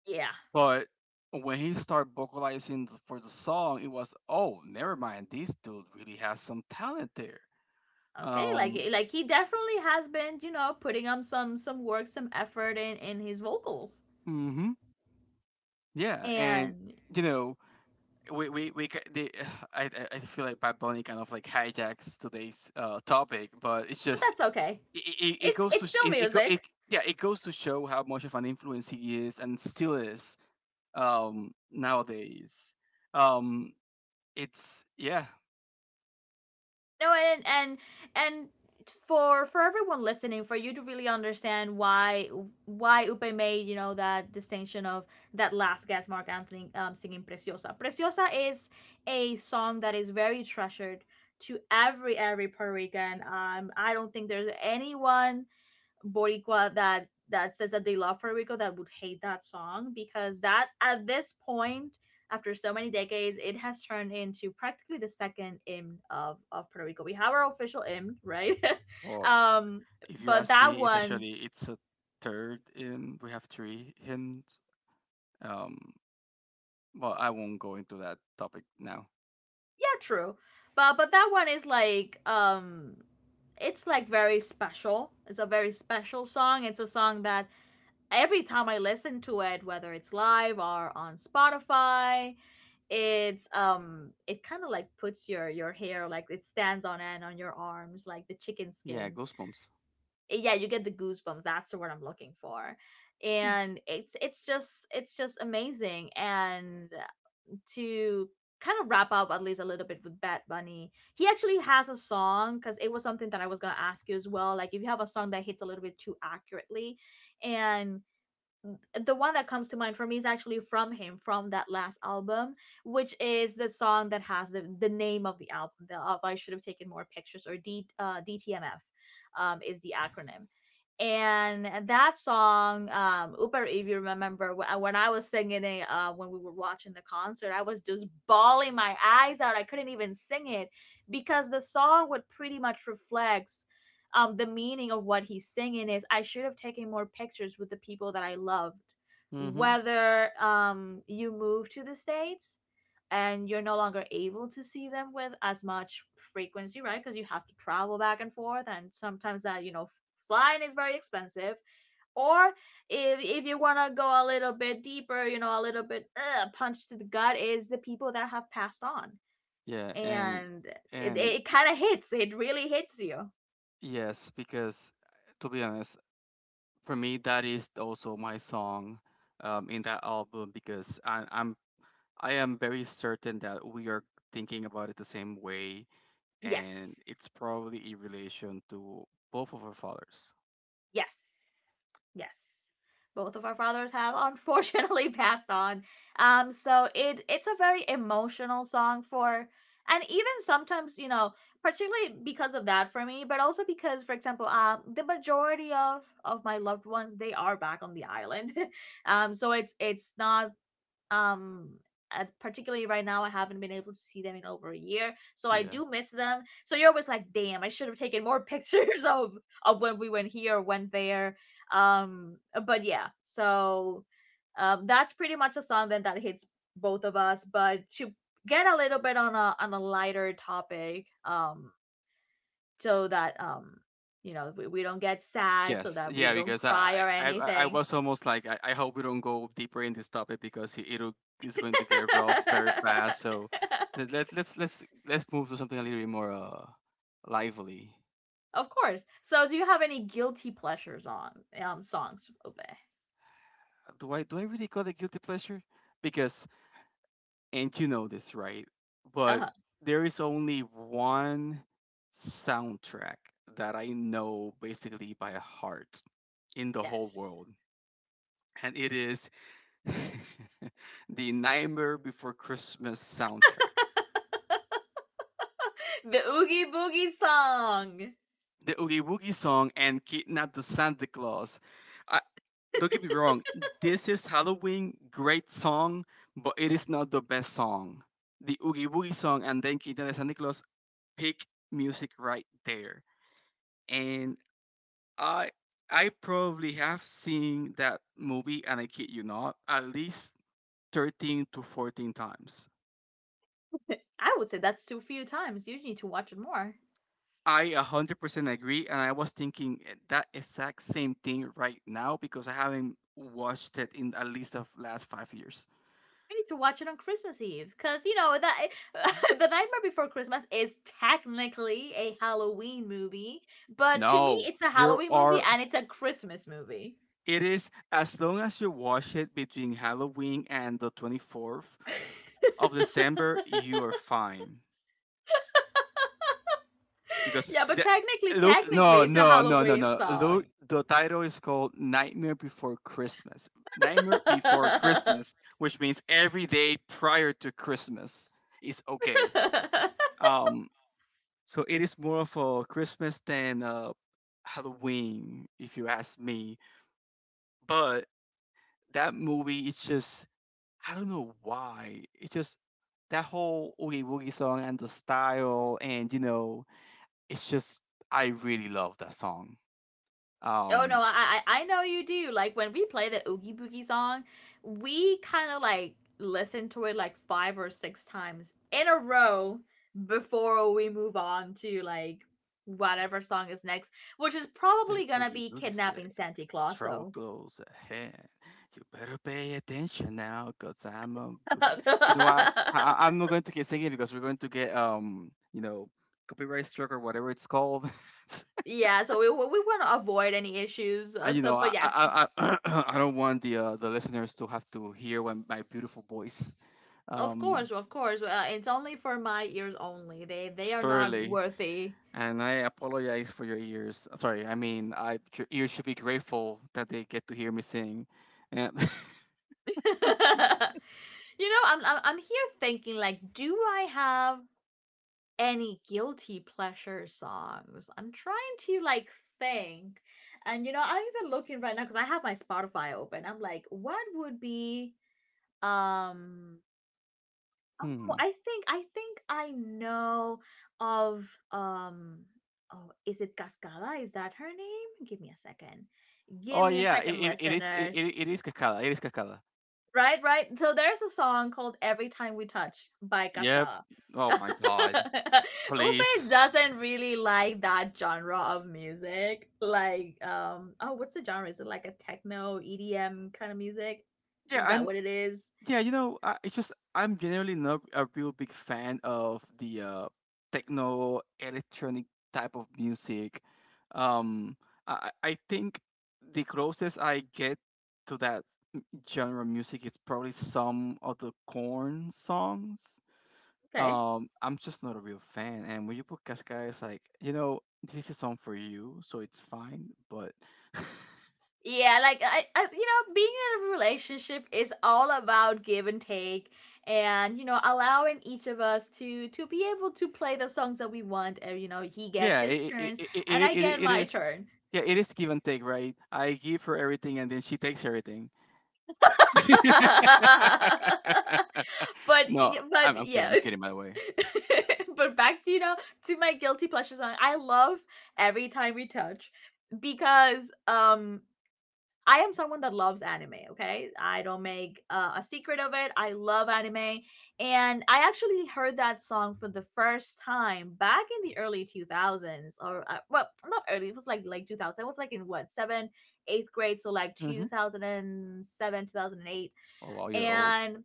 S1: Yeah.
S2: but when he started vocalizing th- for the song it was oh never mind this dude really has some talent there.
S1: Okay, like
S2: Um,
S1: eh, like he definitely has been, you know, putting on some some work, some effort in in his vocals.
S2: hmm. Yeah, and
S1: And
S2: you know we we, we ca- the, [sighs] I I I feel like Bad Bunny kind of like hijacks today's uh topic, but it's
S1: But
S2: just
S1: that's okay.
S2: it, it, it
S1: It's
S2: goes to
S1: it's
S2: sh-
S1: still
S2: it, it, go, it
S1: music.
S2: yeah it goes to show how much of an influence he is and still is um nowadays um it's yeah
S1: No, and and and for for everyone listening, for you to really understand why why Upe made, you know, that distinction of that last guest Mark Anthony um singing Preciosa. Preciosa is a song that is very treasured to every every Puerto Rican. Um I don't think there's anyone Boricua that that says that they love Puerto Rico that would hate that song, because that at this point, after so many decades, it has turned into practically the second hymn of, of Puerto Rico. We have our official hymn, right? [laughs]
S2: well
S1: um
S2: if you
S1: but
S2: ask
S1: that
S2: me it's
S1: one.
S2: actually it's a third in we have three hints um well I won't go into that topic now.
S1: Yeah, true. But but that one is like, um it's like very special. It's a very special song. It's a song that every time I listen to it, whether it's live or on Spotify, it's um it kind of like puts your your hair, like, it stands on end on your arms, like the chicken
S2: Yeah,
S1: skin.
S2: ghost bumps.
S1: Eh, yeah, you get the goosebumps. That's the word I'm looking for. And it's it's just it's just amazing. And to kind of wrap up at least a little bit with Bad Bunny, he actually has a song, because it was something that I was gonna ask you as well. Like, if you have a song that hits a little bit too accurately, and the one that comes to mind for me is actually from him, from that last album, which is the song that has the, the name of the album, the of I should have taken more pictures, or D, uh, D T M F, um, is the acronym. And that song, um Upar, if you remember wh- when I was singing it, uh, when we were watching the concert, I was just bawling my eyes out, I couldn't even sing it, because the song would pretty much reflect, um the meaning of what he's singing is, I should have taken more pictures with the people that I loved,
S2: Mm-hmm.
S1: whether um you move to the states and you're no longer able to see them with as much frequency, right? Because you have to travel back and forth, and sometimes, that you know, f- flying is very expensive, or, if if you want to go a little bit deeper, you know, a little bit uh, punch to the gut, is the people that have passed on.
S2: Yeah and
S1: And it,
S2: and
S1: it kind of hits it really hits you.
S2: yes because to be honest for me that is also my song um, in that album because I, i'm I am very certain that we are thinking about it the same way and
S1: Yes.
S2: it's probably in relation to both of our fathers.
S1: Yes. Yes. Both of our fathers have unfortunately [laughs] passed on. Um so it it's a very emotional song for, and even sometimes, you know, particularly because of that for me, but also because, for example, um the majority of of my loved ones, they are back on the island. [laughs] Um so it's it's not, um and particularly right now I haven't been able to see them in over a year, so I
S2: Yeah.
S1: do miss them. So you're always like, damn, I should have taken more [laughs] pictures of of when we went here or went there. um but yeah, so, um that's pretty much a song then that hits both of us, but to get a little bit on a on a lighter topic, um so that, um you know, we, we don't get sad, so
S2: Yes.
S1: that
S2: Yeah,
S1: we don't
S2: because
S1: cry
S2: i
S1: or
S2: i, I I
S1: anything.
S2: was almost like I, I hope we don't go deeper in this topic because it- it'll is going to get rough very fast so
S1: [laughs]
S2: let, let, let's let's let's move to something a little bit more uh lively.
S1: Of course. So, do you have any guilty pleasures on um songs, Obe?
S2: Do I do I really call it guilty pleasure because and you know this, right?
S1: Uh
S2: But
S1: huh.
S2: there is only one soundtrack that I know basically by heart in the whole
S1: Yes.
S2: world, and it is [laughs] the Nightmare Before Christmas soundtrack.
S1: The Oogie Boogie song.
S2: The Oogie Woogie song and Kidnap the Santa Claus. I, don't get me wrong, this is Halloween, great song, but it is not the best song. The Oogie Woogie song and then Kidnap the Santa Claus, peak music right there. And I I probably have seen that movie, and I kid you not, at least thirteen to fourteen times.
S1: [laughs] I would say that's too few times. You need to watch it more.
S2: I one hundred percent agree, and I was thinking e- that exact same thing right now because I haven't watched it in at least the last five years.
S1: You need to watch it on Christmas Eve because you know that [laughs] the Nightmare Before Christmas is technically a Halloween movie, but to me,
S2: No,
S1: it's a
S2: you
S1: Halloween movie
S2: are.
S1: and it's a Christmas movie.
S2: It is as long as you watch it between Halloween and the 24th
S1: [laughs]
S2: of December, you are fine. Because
S1: Yeah, but
S2: the
S1: technically,
S2: Look
S1: technically,
S2: no
S1: it's a
S2: no no no
S1: Halloween
S2: no look,
S1: song.
S2: the title is called Nightmare Before Christmas. Nightmare Before Christmas, which means every day prior to Christmas is okay.
S1: [laughs]
S2: Um, so it is more of a Christmas than uh Halloween if you ask me. But that movie, it's just I don't know why, it's just that whole Oogie Woogie song and the style and you know it's just I really love that song.
S1: Oh no,
S2: Um,
S1: I I I know you do. Like when we play the Oogie Boogie song, we kind of like listen to it like five or six times in a row before we move on to like whatever song is next, which is
S2: mister
S1: probably gonna
S2: Boogie
S1: be
S2: Boogie said,
S1: kidnapping Santa Claus.
S2: trouble
S1: So
S2: goes ahead. You better pay attention now, cause I'm a boogie. You know
S1: [laughs]
S2: what? I, I- I'm not going to keep singing because we're going to get um, you know, copyright struck or whatever it's called. [laughs]
S1: yeah, so we we want to avoid any issues. Uh,
S2: And you
S1: so,
S2: know,
S1: but
S2: I
S1: yes,
S2: I I, I [clears throat] I don't want the uh, the listeners to have to hear when my beautiful voice,
S1: of
S2: um,
S1: course, of course, uh, it's only for my ears only. They they are not
S2: surely.
S1: worthy.
S2: And I apologize for your ears. Sorry, I mean, I your ears should be grateful that they get to hear me sing. And [laughs]
S1: [laughs] You know, I'm I'm I'm here thinking like, do I have any guilty pleasure songs? I'm trying to like think, and you know, I'm even looking right now because I have my Spotify open. I'm like, what would be um? Oh,
S2: Hmm.
S1: I think I think I know of um. Oh, is it Cascada? Is that her name? Give me a second.
S2: Oh
S1: Give me a
S2: yeah, it
S1: second,
S2: it, it is it,
S1: listeners.
S2: it it is Kakala. It is Kakala.
S1: Right, right. So there's a song called Every Time We Touch by
S2: Yep.
S1: Cascada. [laughs]
S2: Oh
S1: Upe
S2: my god. Please.
S1: doesn't really like that genre of music. Like, um, oh, what's the genre? Is it like a techno E D M kind of music?
S2: Yeah,
S1: Is that
S2: I'm
S1: what it is?
S2: yeah, you know, I, it's just I'm generally not a real big fan of the uh techno electronic type of music. Um, I I I think the closest I get to that genre music, it's probably some of the Corn songs.
S1: Okay.
S2: Um, I'm just not a real fan. And when you put Cascada, it's like, you know, this is a song for you, so it's fine. But
S1: Yeah, like I, I, you know, being in a relationship is all about give and take, and you know, allowing each of us to to be able to play the songs that we want. And you know, he gets
S2: yeah,
S1: his
S2: it it,
S1: turns,
S2: it, it,
S1: and I
S2: it,
S1: get
S2: it
S1: my
S2: is.
S1: turn.
S2: Yeah, it is give and take, right? I give her everything, and then she takes everything.
S1: [laughs] but
S2: [laughs] No,
S1: yeah, but
S2: I'm, I'm kidding.
S1: yeah
S2: I'm kidding, by the way.
S1: [laughs] but back you know to my guilty pleasure song, I love Every Time We Touch because um I am someone that loves anime. Okay, I don't make uh, a secret of it. I love anime, and I actually heard that song for the first time back in the early two thousands, or uh, well, not early. It was like like two thousand. It was like in what, seven, eighth grade, so like
S2: Mm-hmm.
S1: two thousand seven, two thousand eight and seven, two thousand and eight.
S2: Oh, wow, you're old.
S1: And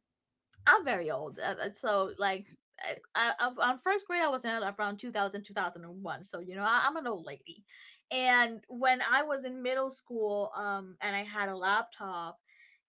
S1: I'm very old, uh, uh, so like I, I, I- on first grade I was in around two thousand, two thousand and one. So you know, I, I'm an old lady. And when I was in middle school, um, and I had a laptop,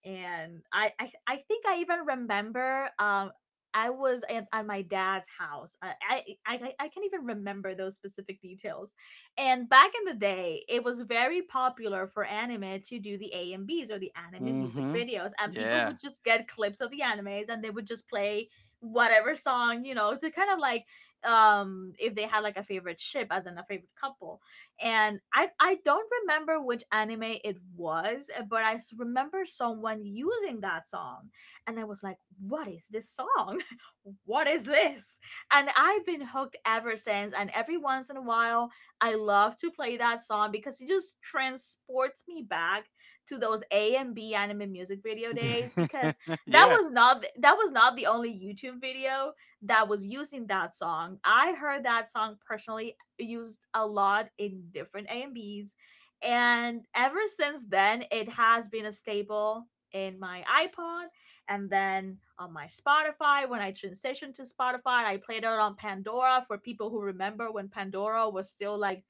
S1: and I I, I think I even remember um. I was at, at my dad's house. I, I I I I can even remember those specific details. And back in the day, it was very popular for anime to do the A and Bs, or the anime music
S2: Mm-hmm.
S1: videos, and people
S2: Yeah.
S1: would just get clips of the animes and they would just play whatever song, you know, to kind of like um if they had like a favorite ship, as in a favorite couple. And I I don't remember which anime it was, uh, but I s- remember someone using that song, and I was like, "What is this song? [laughs] What is this?" And I've been hooked ever since, and every once in a while I love to play that song because it just transports me back to those A and B anime music video days,
S2: [laughs]
S1: because that
S2: yeah.
S1: was not th- that was not the only YouTube video that was using that song. I heard that song personally used a lot in different A and Bs, and ever since then it has been a staple in my iPod, and then on my Spotify, when I transitioned to Spotify. I played it on Pandora for people who remember when Pandora was still like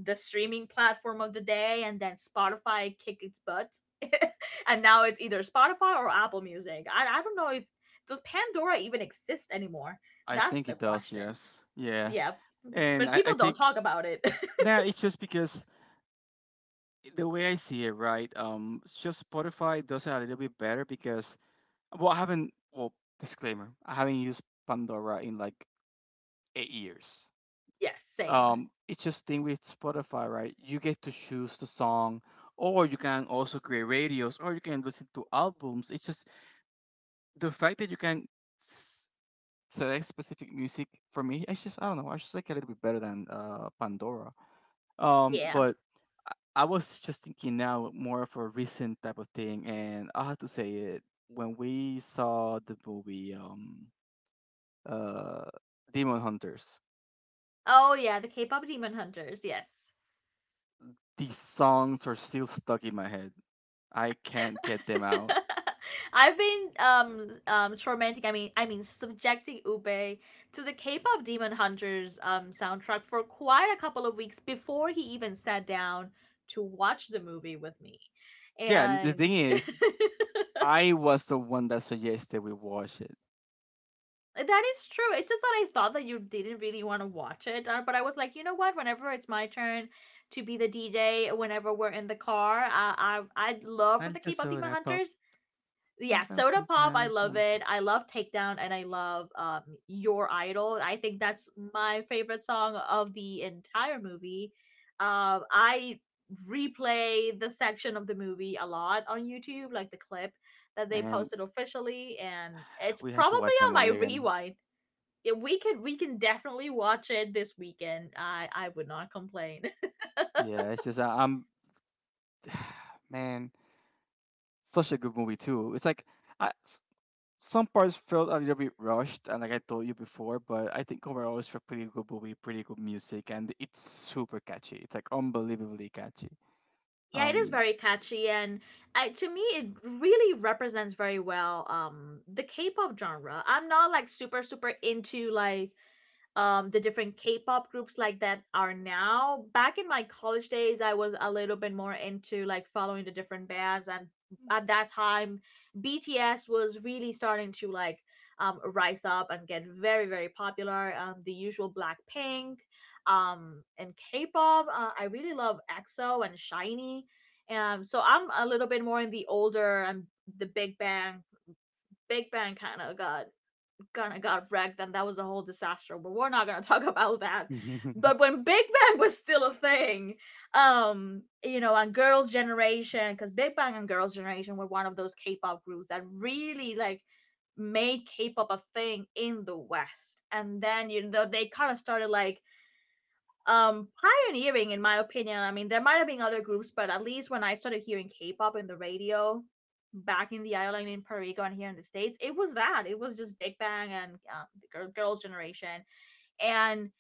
S1: the streaming platform of the day, and then Spotify kicked its butt. [laughs] And now it's either Spotify or Apple Music. I, I don't know, if does Pandora even exist anymore?
S2: I
S1: That's
S2: think
S1: the
S2: it does.
S1: question.
S2: Yes. Yeah.
S1: Yeah,
S2: And
S1: but
S2: I, I
S1: people don't
S2: think
S1: talk about it.
S2: now it's just because the way I see it, right? Um, it's just Spotify does it a little bit better because well, I haven't. Well, disclaimer, I haven't used Pandora in like eight years.
S1: [laughs] Yes, same.
S2: Um, it's just thing with Spotify, right? You get to choose the song, or you can also create radios, or you can listen to albums. It's just the fact that you can s- select specific music for me. It's just I don't know. I just like a little bit better than uh Pandora. Um,
S1: Yeah.
S2: but I I was just thinking now more of a recent type of thing, and I have to say it when we saw the movie um uh Demon Hunters,
S1: Oh yeah, the K-pop Demon Hunters. Yes.
S2: these songs are still stuck in my head. I can't get them out.
S1: [laughs] I've been um um tormenting. I mean, I mean, subjecting Ube to the
S2: S-
S1: K-pop Demon Hunters um soundtrack for quite a couple of weeks before he even sat down to watch the movie with me,
S2: Yeah, and the
S1: and
S2: thing
S1: [laughs] that
S2: is,
S1: is
S2: I was the one that suggested we watch it.
S1: true. It's just that I thought that you didn't really want to watch it, uh, but I was like, you know what? Whenever it's my turn to be the D J, whenever we're in the car, uh, I I'd love for the
S2: Alka
S1: K-pop Demon
S2: Soda Pop.
S1: Hunters.
S2: Pum,
S1: Yeah,
S2: pum,
S1: Soda
S2: pum,
S1: Pop, I
S2: pum,
S1: love
S2: pum.
S1: it. I love Takedown and I love um Your Idol. I think that's my favorite song of the entire movie. Um I replay the section of the movie a lot on YouTube, like the clip that they
S2: Man,
S1: posted officially, and it's
S2: we had to
S1: probably
S2: watch that
S1: on my
S2: movie again.
S1: rewind. Yeah, we could, we can definitely watch it this weekend. I I would not complain. [laughs]
S2: Yeah, it's just I- I'm [sighs] man. Such a good movie too. It's like I s some parts felt a little bit rushed, and like I told you before, but I think overall it's a pretty good movie, pretty good music, and it's super catchy. It's like unbelievably catchy.
S1: Yeah, it is
S2: Um,
S1: very catchy, and I, to me, it really represents very well um the K-pop genre. I'm not like super super into like um the different K-pop groups like that are now. Back in my college days, I was a little bit more into like following the different bands, and at that time BTS was really starting to like um rise up and get very, very popular. Um the usual Blackpink, um and K-pop, uh, I really love EXO and Shiny. Um so I'm a little bit more in the older, and the big bang big bang kind of got, kind of got wrecked, and that was a whole disaster, but we're not gonna [laughs] talk about that. But
S2: [laughs]
S1: when Big Bang was still a thing, um you know, and Girls Generation, because Big Bang and Girls Generation were one of those K-pop groups that really like made K-pop a thing in the West, and then you know they kind of started like um pioneering, in my opinion. I mean, there might have been other groups, but at least when I started hearing K-pop in the radio back in the island in Puerto Rico and here in the States, it was that, it was just Big Bang and um, the Girls Generation. And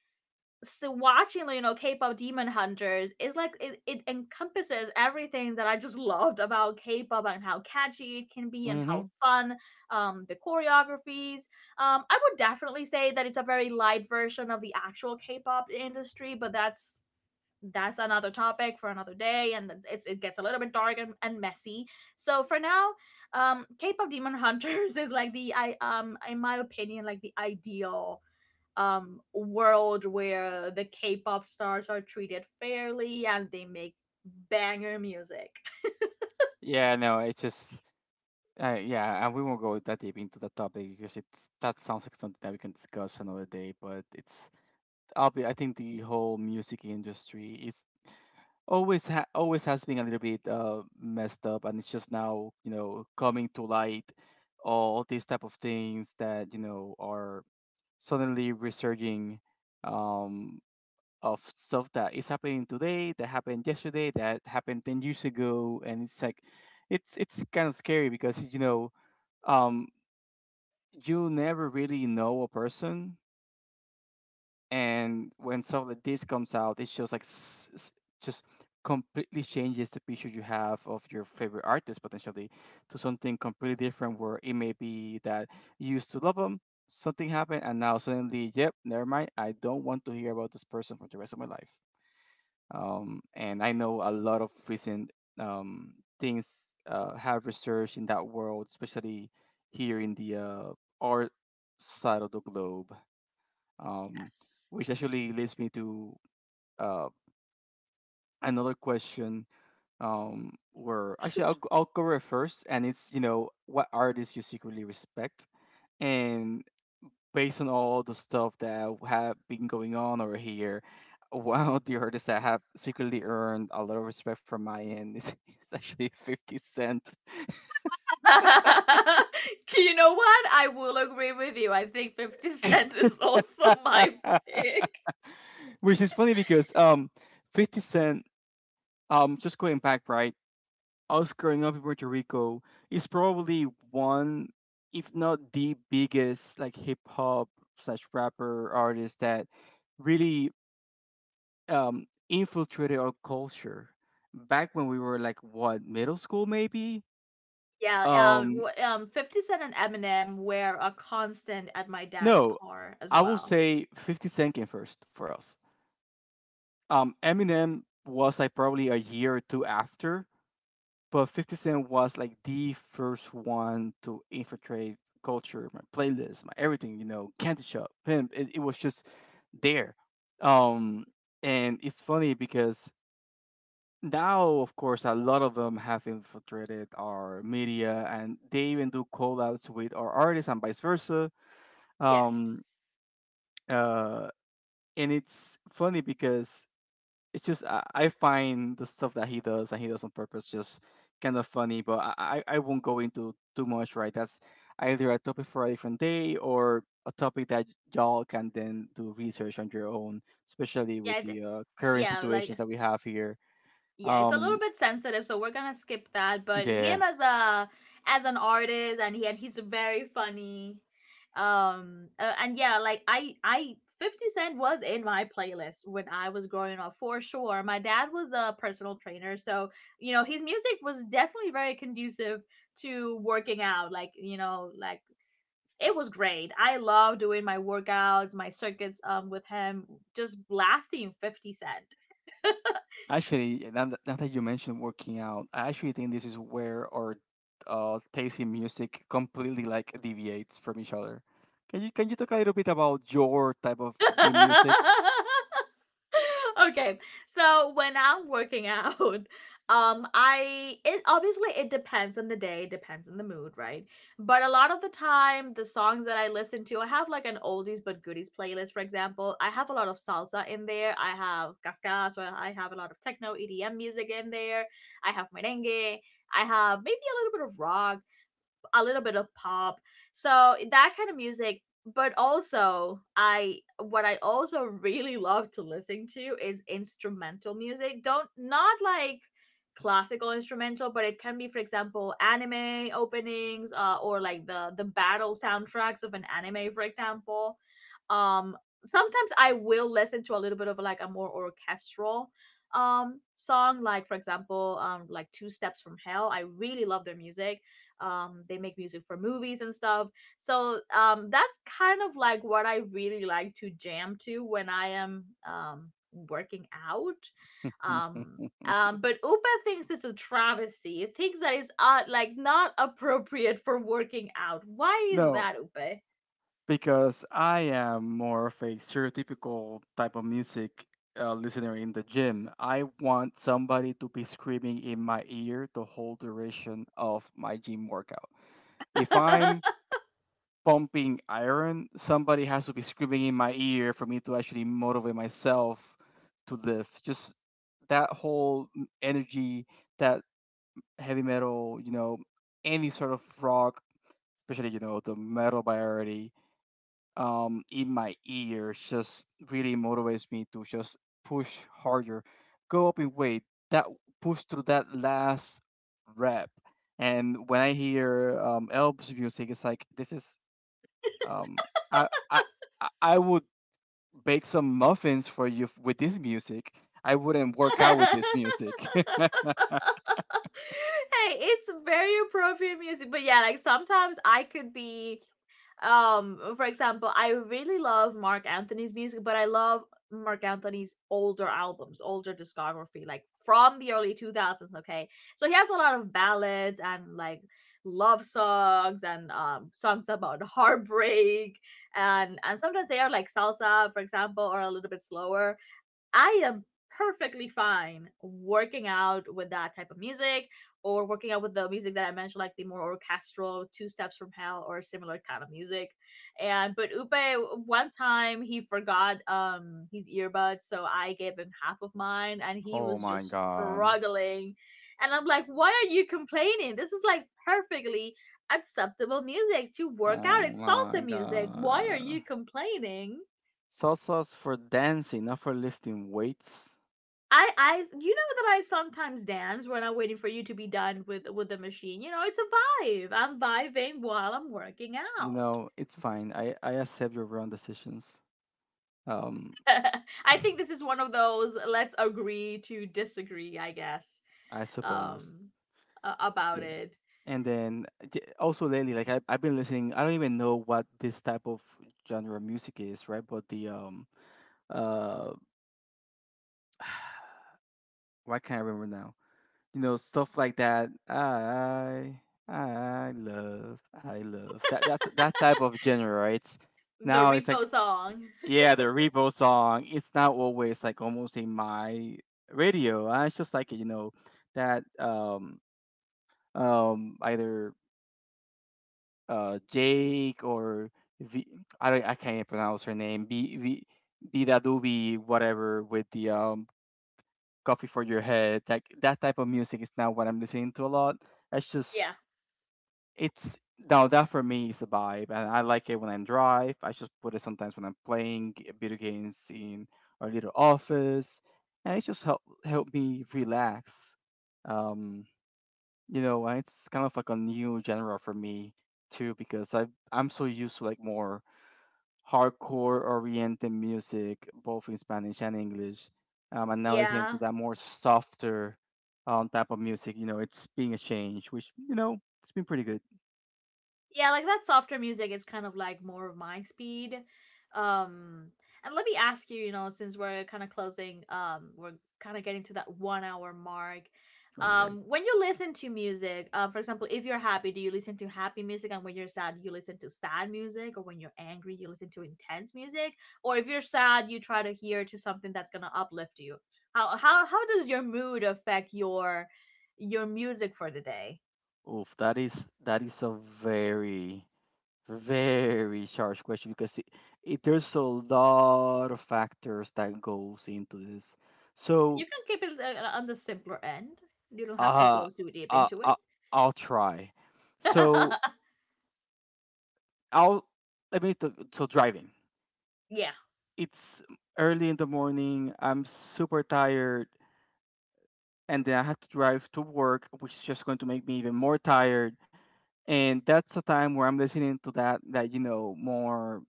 S1: so watching, you know, K-pop Demon Hunters is like it, it encompasses everything that I just [laughs] loved about K-pop, and how catchy it can be and how
S2: hmm.
S1: fun, um the choreographies. um I would definitely say that it's a very light version of the actual K-pop industry, but that's that's another topic for another day, and it's, it gets a little bit dark and, and messy. So for now, um K-pop Demon Hunters [laughs] is like the I um in my opinion, like the ideal, um world where the K-pop stars are treated fairly and they make banger music.
S2: Yeah, no, it's just uh, yeah, and we won't go that deep into the topic because it's that sounds like something that we can discuss another day. But it's I'll be I think the whole music industry is always ha- always has been a little bit uh, messed up, and it's just now, you know, coming to light all these type of things that, you know, are suddenly resurging um, of stuff that is happening today, that happened yesterday, that happened ten years ago. And it's like it's it's kind of scary because, you know, um, you never really know a person. And when stuff like this comes out, it's just like s- s- just completely changes the picture you have of your favorite artist, potentially, to something completely different, where it may be that you used to love them, something happened, and now suddenly, yep, never mind, I don't want to hear about this person for the rest of my life. Um, and I know a lot of recent um, things uh, have research in that world, especially here in the uh, art side of the globe, um,
S1: Yes.
S2: which actually leads me to uh, another question, um, where actually
S1: Shoot.
S2: I'll, I'll go with first, and it's, you know, what artists you secretly respect. And based on all the stuff that have been going on over here, one of the artists that have secretly earned a lot of respect from my end is, [laughs] is actually fifty cent.
S1: [laughs] You know what, I will agree with you. I think fifty cent is also
S2: [laughs]
S1: my pick.
S2: which is funny because um fifty cent, um just going back, right, us growing up in Puerto Rico is probably one, if not the biggest, like hip hop slash rapper artist that really um, infiltrated our culture back when we were like what, middle school maybe.
S1: Yeah, um,
S2: Um,
S1: wh- um, fifty Cent and Eminem were a constant at my dad's
S2: no,
S1: car as
S2: I will
S1: well.
S2: say Fifty Cent came first for us. Um, Eminem was like probably a year or two after. But fifty Cent was like the first one to infiltrate culture, my playlist, my everything, you know, Candy Shop, Pimp. It, it was just there. Um, and it's funny because now, of course, a lot of them have infiltrated our media, and they even do call outs with our artists and vice versa. Um,
S1: Yes.
S2: uh, and it's funny because it's just I, I find the stuff that he does, and he does on purpose, just kind of funny. But I, I I won't go into too much, right? That's either a topic for a different day or a topic that y'all can then do research on your own, especially
S1: Yeah,
S2: with
S1: it-
S2: the uh, current
S1: yeah,
S2: situations
S1: like
S2: that we have here.
S1: yeah, it's a little
S2: Um,
S1: bit sensitive, so we're gonna skip that. But him
S2: yeah,
S1: as a, as an artist, and he and he's very funny. Um, uh, and yeah, like I I fifty Cent was in my playlist when I was growing up, for sure. My dad was a personal trainer, so you know his music was definitely very conducive to working out, like, you know, like, it was great. I love doing my workouts, my circuits um with him, just blasting fifty Cent.
S2: actually, now that, now that you mentioned working out, I actually think this is where our uh, taste in music completely like deviates from each other. Can you can you talk a little bit about your type of gym music?
S1: [laughs] Okay. So when I'm working [laughs] out, um I it obviously it depends on the day, it depends on the mood, right? But a lot of the time the songs that I listen to, I have like an oldies but goodies playlist, for example. I have a lot of salsa in there. I have cascas, so I have a lot of techno E D M music in there. I have merengue. I have maybe a little bit of rock, a little bit of pop. So that kind of music. But also, I what I also really love to listen to is instrumental music. Don't Not like classical instrumental, but it can be, for example, anime openings, uh, or like the the battle soundtracks of an anime, for example. um Sometimes I will listen to a little bit of like a more orchestral um song, like for example, um like Two Steps from Hell. I really love their music. Um they make music for movies and stuff. So um that's kind of like what I really like to jam to when I am um working out.
S2: [laughs]
S1: um um but Upa thinks it's a travesty. It thinks that it's, uh, like, not appropriate for working out. Why is
S2: no,
S1: that, Upa?
S2: because I am more of a stereotypical type of music uh, listener in the gym. I want somebody to be screaming in my ear the whole duration of my gym workout. If I'm
S1: [laughs]
S2: pumping iron, somebody has to be screaming in my ear for me to actually motivate myself to lift. Just that whole m- energy, that heavy metal, you know, any sort of rock, especially, you know, the metal by already. Um, in my ears just really motivates me to just push harder, go up in weight, that push through that last rep. And when I hear um, Elb's music, it's like this is um, I I I I would bake some muffins for you f- with this music. I wouldn't work out with this
S1: Hey,
S2: music. [laughs]
S1: it's very appropriate music. But yeah, like sometimes I could be, um for example, I really love Mark Anthony's music, but I love Mark Anthony's older albums, older discography, like from the early two thousands. Okay, so he has a lot of ballads and like love songs, and um songs about [laughs] heartbreak, and and sometimes they are like salsa, for example, or a little bit slower. I am perfectly fine working out with that type of music, or working out with the music that I mentioned, like the more orchestral Two Steps from Hell or similar kind of music. And but Upe one time he forgot um his earbuds, so I gave him half of mine and he
S2: oh
S1: was
S2: my
S1: just
S2: god.
S1: struggling. And I'm like, why are you complaining? This is like perfectly acceptable music to work
S2: Oh
S1: out. It's
S2: my
S1: salsa music. Why are
S2: god.
S1: you complaining?
S2: Salsa's for dancing, not for lifting weights.
S1: I I, you know that I sometimes dance when I'm waiting for you to be done with with the machine. You know, it's a vibe. I'm vibing while I'm working
S2: You
S1: out.
S2: know, it's fine. I I accept your wrong decisions. Um,
S1: [laughs] I think this is one of those let's agree to disagree, I guess.
S2: I suppose.
S1: Um a- about
S2: Yeah.
S1: it.
S2: And then uh, j- also lately, like I I've been listening. I don't even know what this type of genre of music is, right? But the um uh, [sighs] why can't I remember now? You know, stuff like that. I I love I love that that that type of genre, right?
S1: The
S2: Now it's like,
S1: repo song. [laughs]
S2: yeah, the Revo song. It's not always like almost in my radio. I just like, you know, that um um either uh Jake or V. I don't I can't even pronounce her name. B V Vida Doobie, whatever, with the um coffee for your head. Like that type of music is not what I'm listening to a lot. That's just
S1: Yeah.
S2: it's now, that for me is a vibe, and I like it when I drive. I just put it sometimes when I'm playing g- video games in our little office, and it just help help me relax. Um, you know, and it's kind of like a new genre for me too because I, I'm so used to like more hardcore oriented music, both in Spanish and English. Um, and now listening to
S1: Yeah.
S2: that more softer um, type of music, you know, it's being a change, which, you know, it's been pretty good.
S1: Yeah, like that softer music is kind of like more of my speed. Um and let me ask you, you know, since we're kind of closing, um we're kind of getting to that one hour mark.
S2: Oh, you're right.
S1: Um when you listen to music, uh, for example, if you're happy, do you listen to happy music? And when you're sad, you listen to sad music? Or when you're angry, you listen to intense music? Or if you're sad, you try to hear to something that's going to uplift you? How how how does your mood affect your your music for the day?
S2: Oof, that is that is a very, very charged question because it, it there's a lot of factors that goes into this. So
S1: You can keep it uh, on the simpler end. You don't have to
S2: uh,
S1: go too deep
S2: uh,
S1: into it.
S2: uh I'll try. So
S1: [laughs]
S2: I'll let me to, to driving.
S1: Yeah,
S2: It's early in the morning. I'm super tired, and then I have to drive to work, which is just going to make me even more tired. And that's the time where I'm listening to that that, you know, more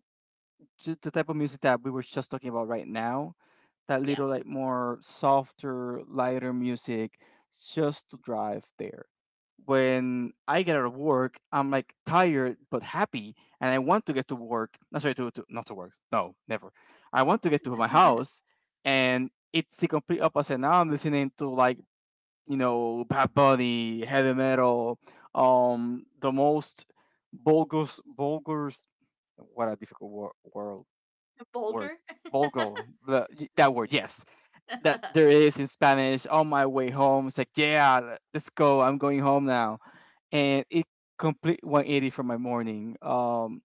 S2: just the type of music that we were just talking about right now, that
S1: yeah.
S2: little like more softer, lighter music, just to drive there. When I get out of work, I'm like tired but happy, and I want to get to work. No, sorry, to, to not to work. No, never. I want to get to my
S1: [laughs]
S2: house, and it's the complete opposite. Now I'm listening to like, you know, Bad Bunny, heavy metal, um, the most vulgar, vulgar, what a difficult wor- world word,
S1: Vulgar.
S2: vulgo the, that word, yes,
S1: [laughs]
S2: that there is in Spanish on my way home. It's like, yeah, let's go, I'm going home now. And it complete one eighty for my morning. um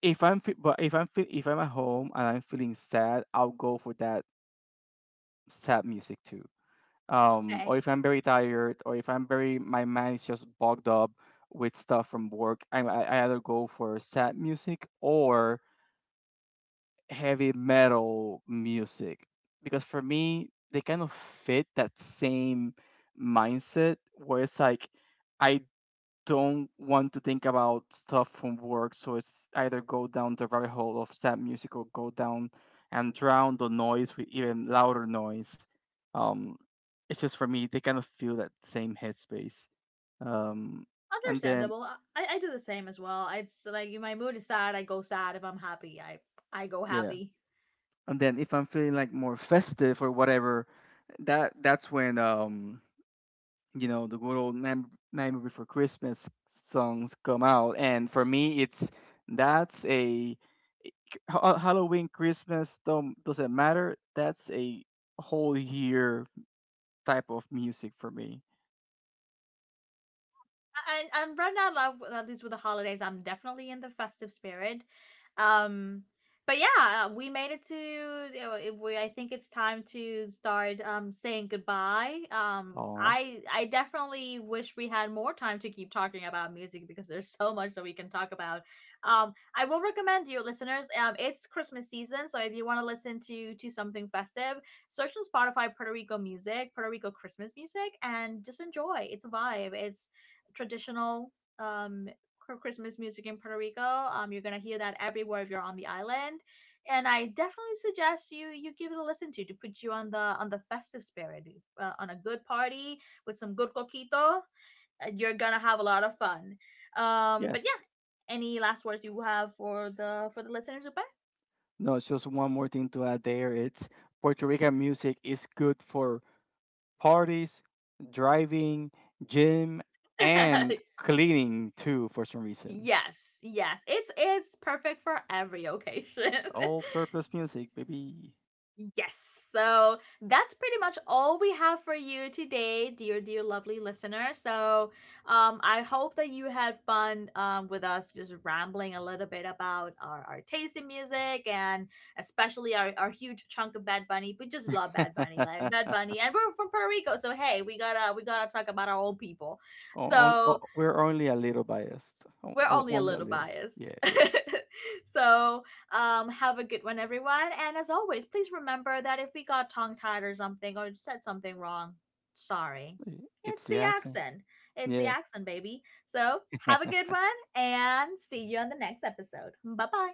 S2: If I'm fe- but if I'm fe- if I'm at home and I'm feeling sad, I'll go for that sad music too. Um or
S1: Okay.
S2: if I'm very tired, or if I'm very my mind is just bogged up with stuff from work, i i i either go for sad music or heavy metal music because for me they kind of fit that same mindset where it's like I don't want to think about stuff from work, so it's either go down the rabbit hole of sad music or go down and drown the noise with even louder noise. Um, it's just for me they kind of feel that same headspace. Um, and then
S1: Understandable. I, I do the same as well. It's like, my mood is sad, I go sad. If I'm happy, I I go
S2: yeah,
S1: happy.
S2: and then if I'm feeling like more festive or whatever, that that's when, um you know, the good old Nam- Nightmare Before Christmas songs come out, and for me, it's that's a Ha- Halloween, Christmas don't doesn't matter. That's a whole year type of music for me.
S1: and and right now, like, at least with the holidays, I'm definitely in the festive spirit. Um, but yeah, uh, we made it to. We, I think it's time to start um saying goodbye. Um,
S2: Oh
S1: I I definitely wish we had more time to keep talking about music, because there's [laughs] so much that we can talk about. Um, I will recommend you listeners. Um, it's Christmas season, so if you want to listen to to something festive, search on Spotify Puerto Rico music, Puerto Rico Christmas music, and just enjoy. It's a vibe. It's traditional um Christmas music in Puerto Rico. Um, you're gonna hear that everywhere if you're on the island, and I definitely suggest you you give it a listen to to put you on the on the festive spirit, uh, on a good party with some good coquito. uh, You're gonna have a lot of fun. Um, but yeah,
S2: yes,
S1: any last words you have for the for the listeners,
S2: no, it's just one more thing to add there. It's Puerto Rican music is good for parties, driving, gym, and
S1: Upe? [laughs]
S2: cleaning too for some reason.
S1: Yes, yes, it's it's perfect for every occasion.
S2: It's
S1: [laughs]
S2: all-purpose music, baby.
S1: Yes. So that's pretty much all we have for you today, dear, dear, lovely listener. So um, I hope that you had fun, um, with us just rambling a little bit about our, our taste in music, and especially our, our huge chunk of Bad Bunny. We just love Bad Bunny, like Bad
S2: [laughs]
S1: Bunny, and we're from Puerto Rico, so hey, we gotta we gotta talk about our own people.
S2: O- o-
S1: So
S2: o- We're only a little biased. O-
S1: we're
S2: o-
S1: only a
S2: Only a
S1: little
S2: little.
S1: biased.
S2: Yeah,
S1: [laughs]
S2: yeah.
S1: So, um, have a good one, everyone. And as always, please remember that if we got tongue tied or something or said something wrong, sorry.
S2: Y- It's
S1: It's
S2: the
S1: the
S2: accent.
S1: accent. It's the
S2: Yeah.
S1: accent, baby. So, have a good
S2: [laughs]
S1: one and see you on the next episode. Bye bye.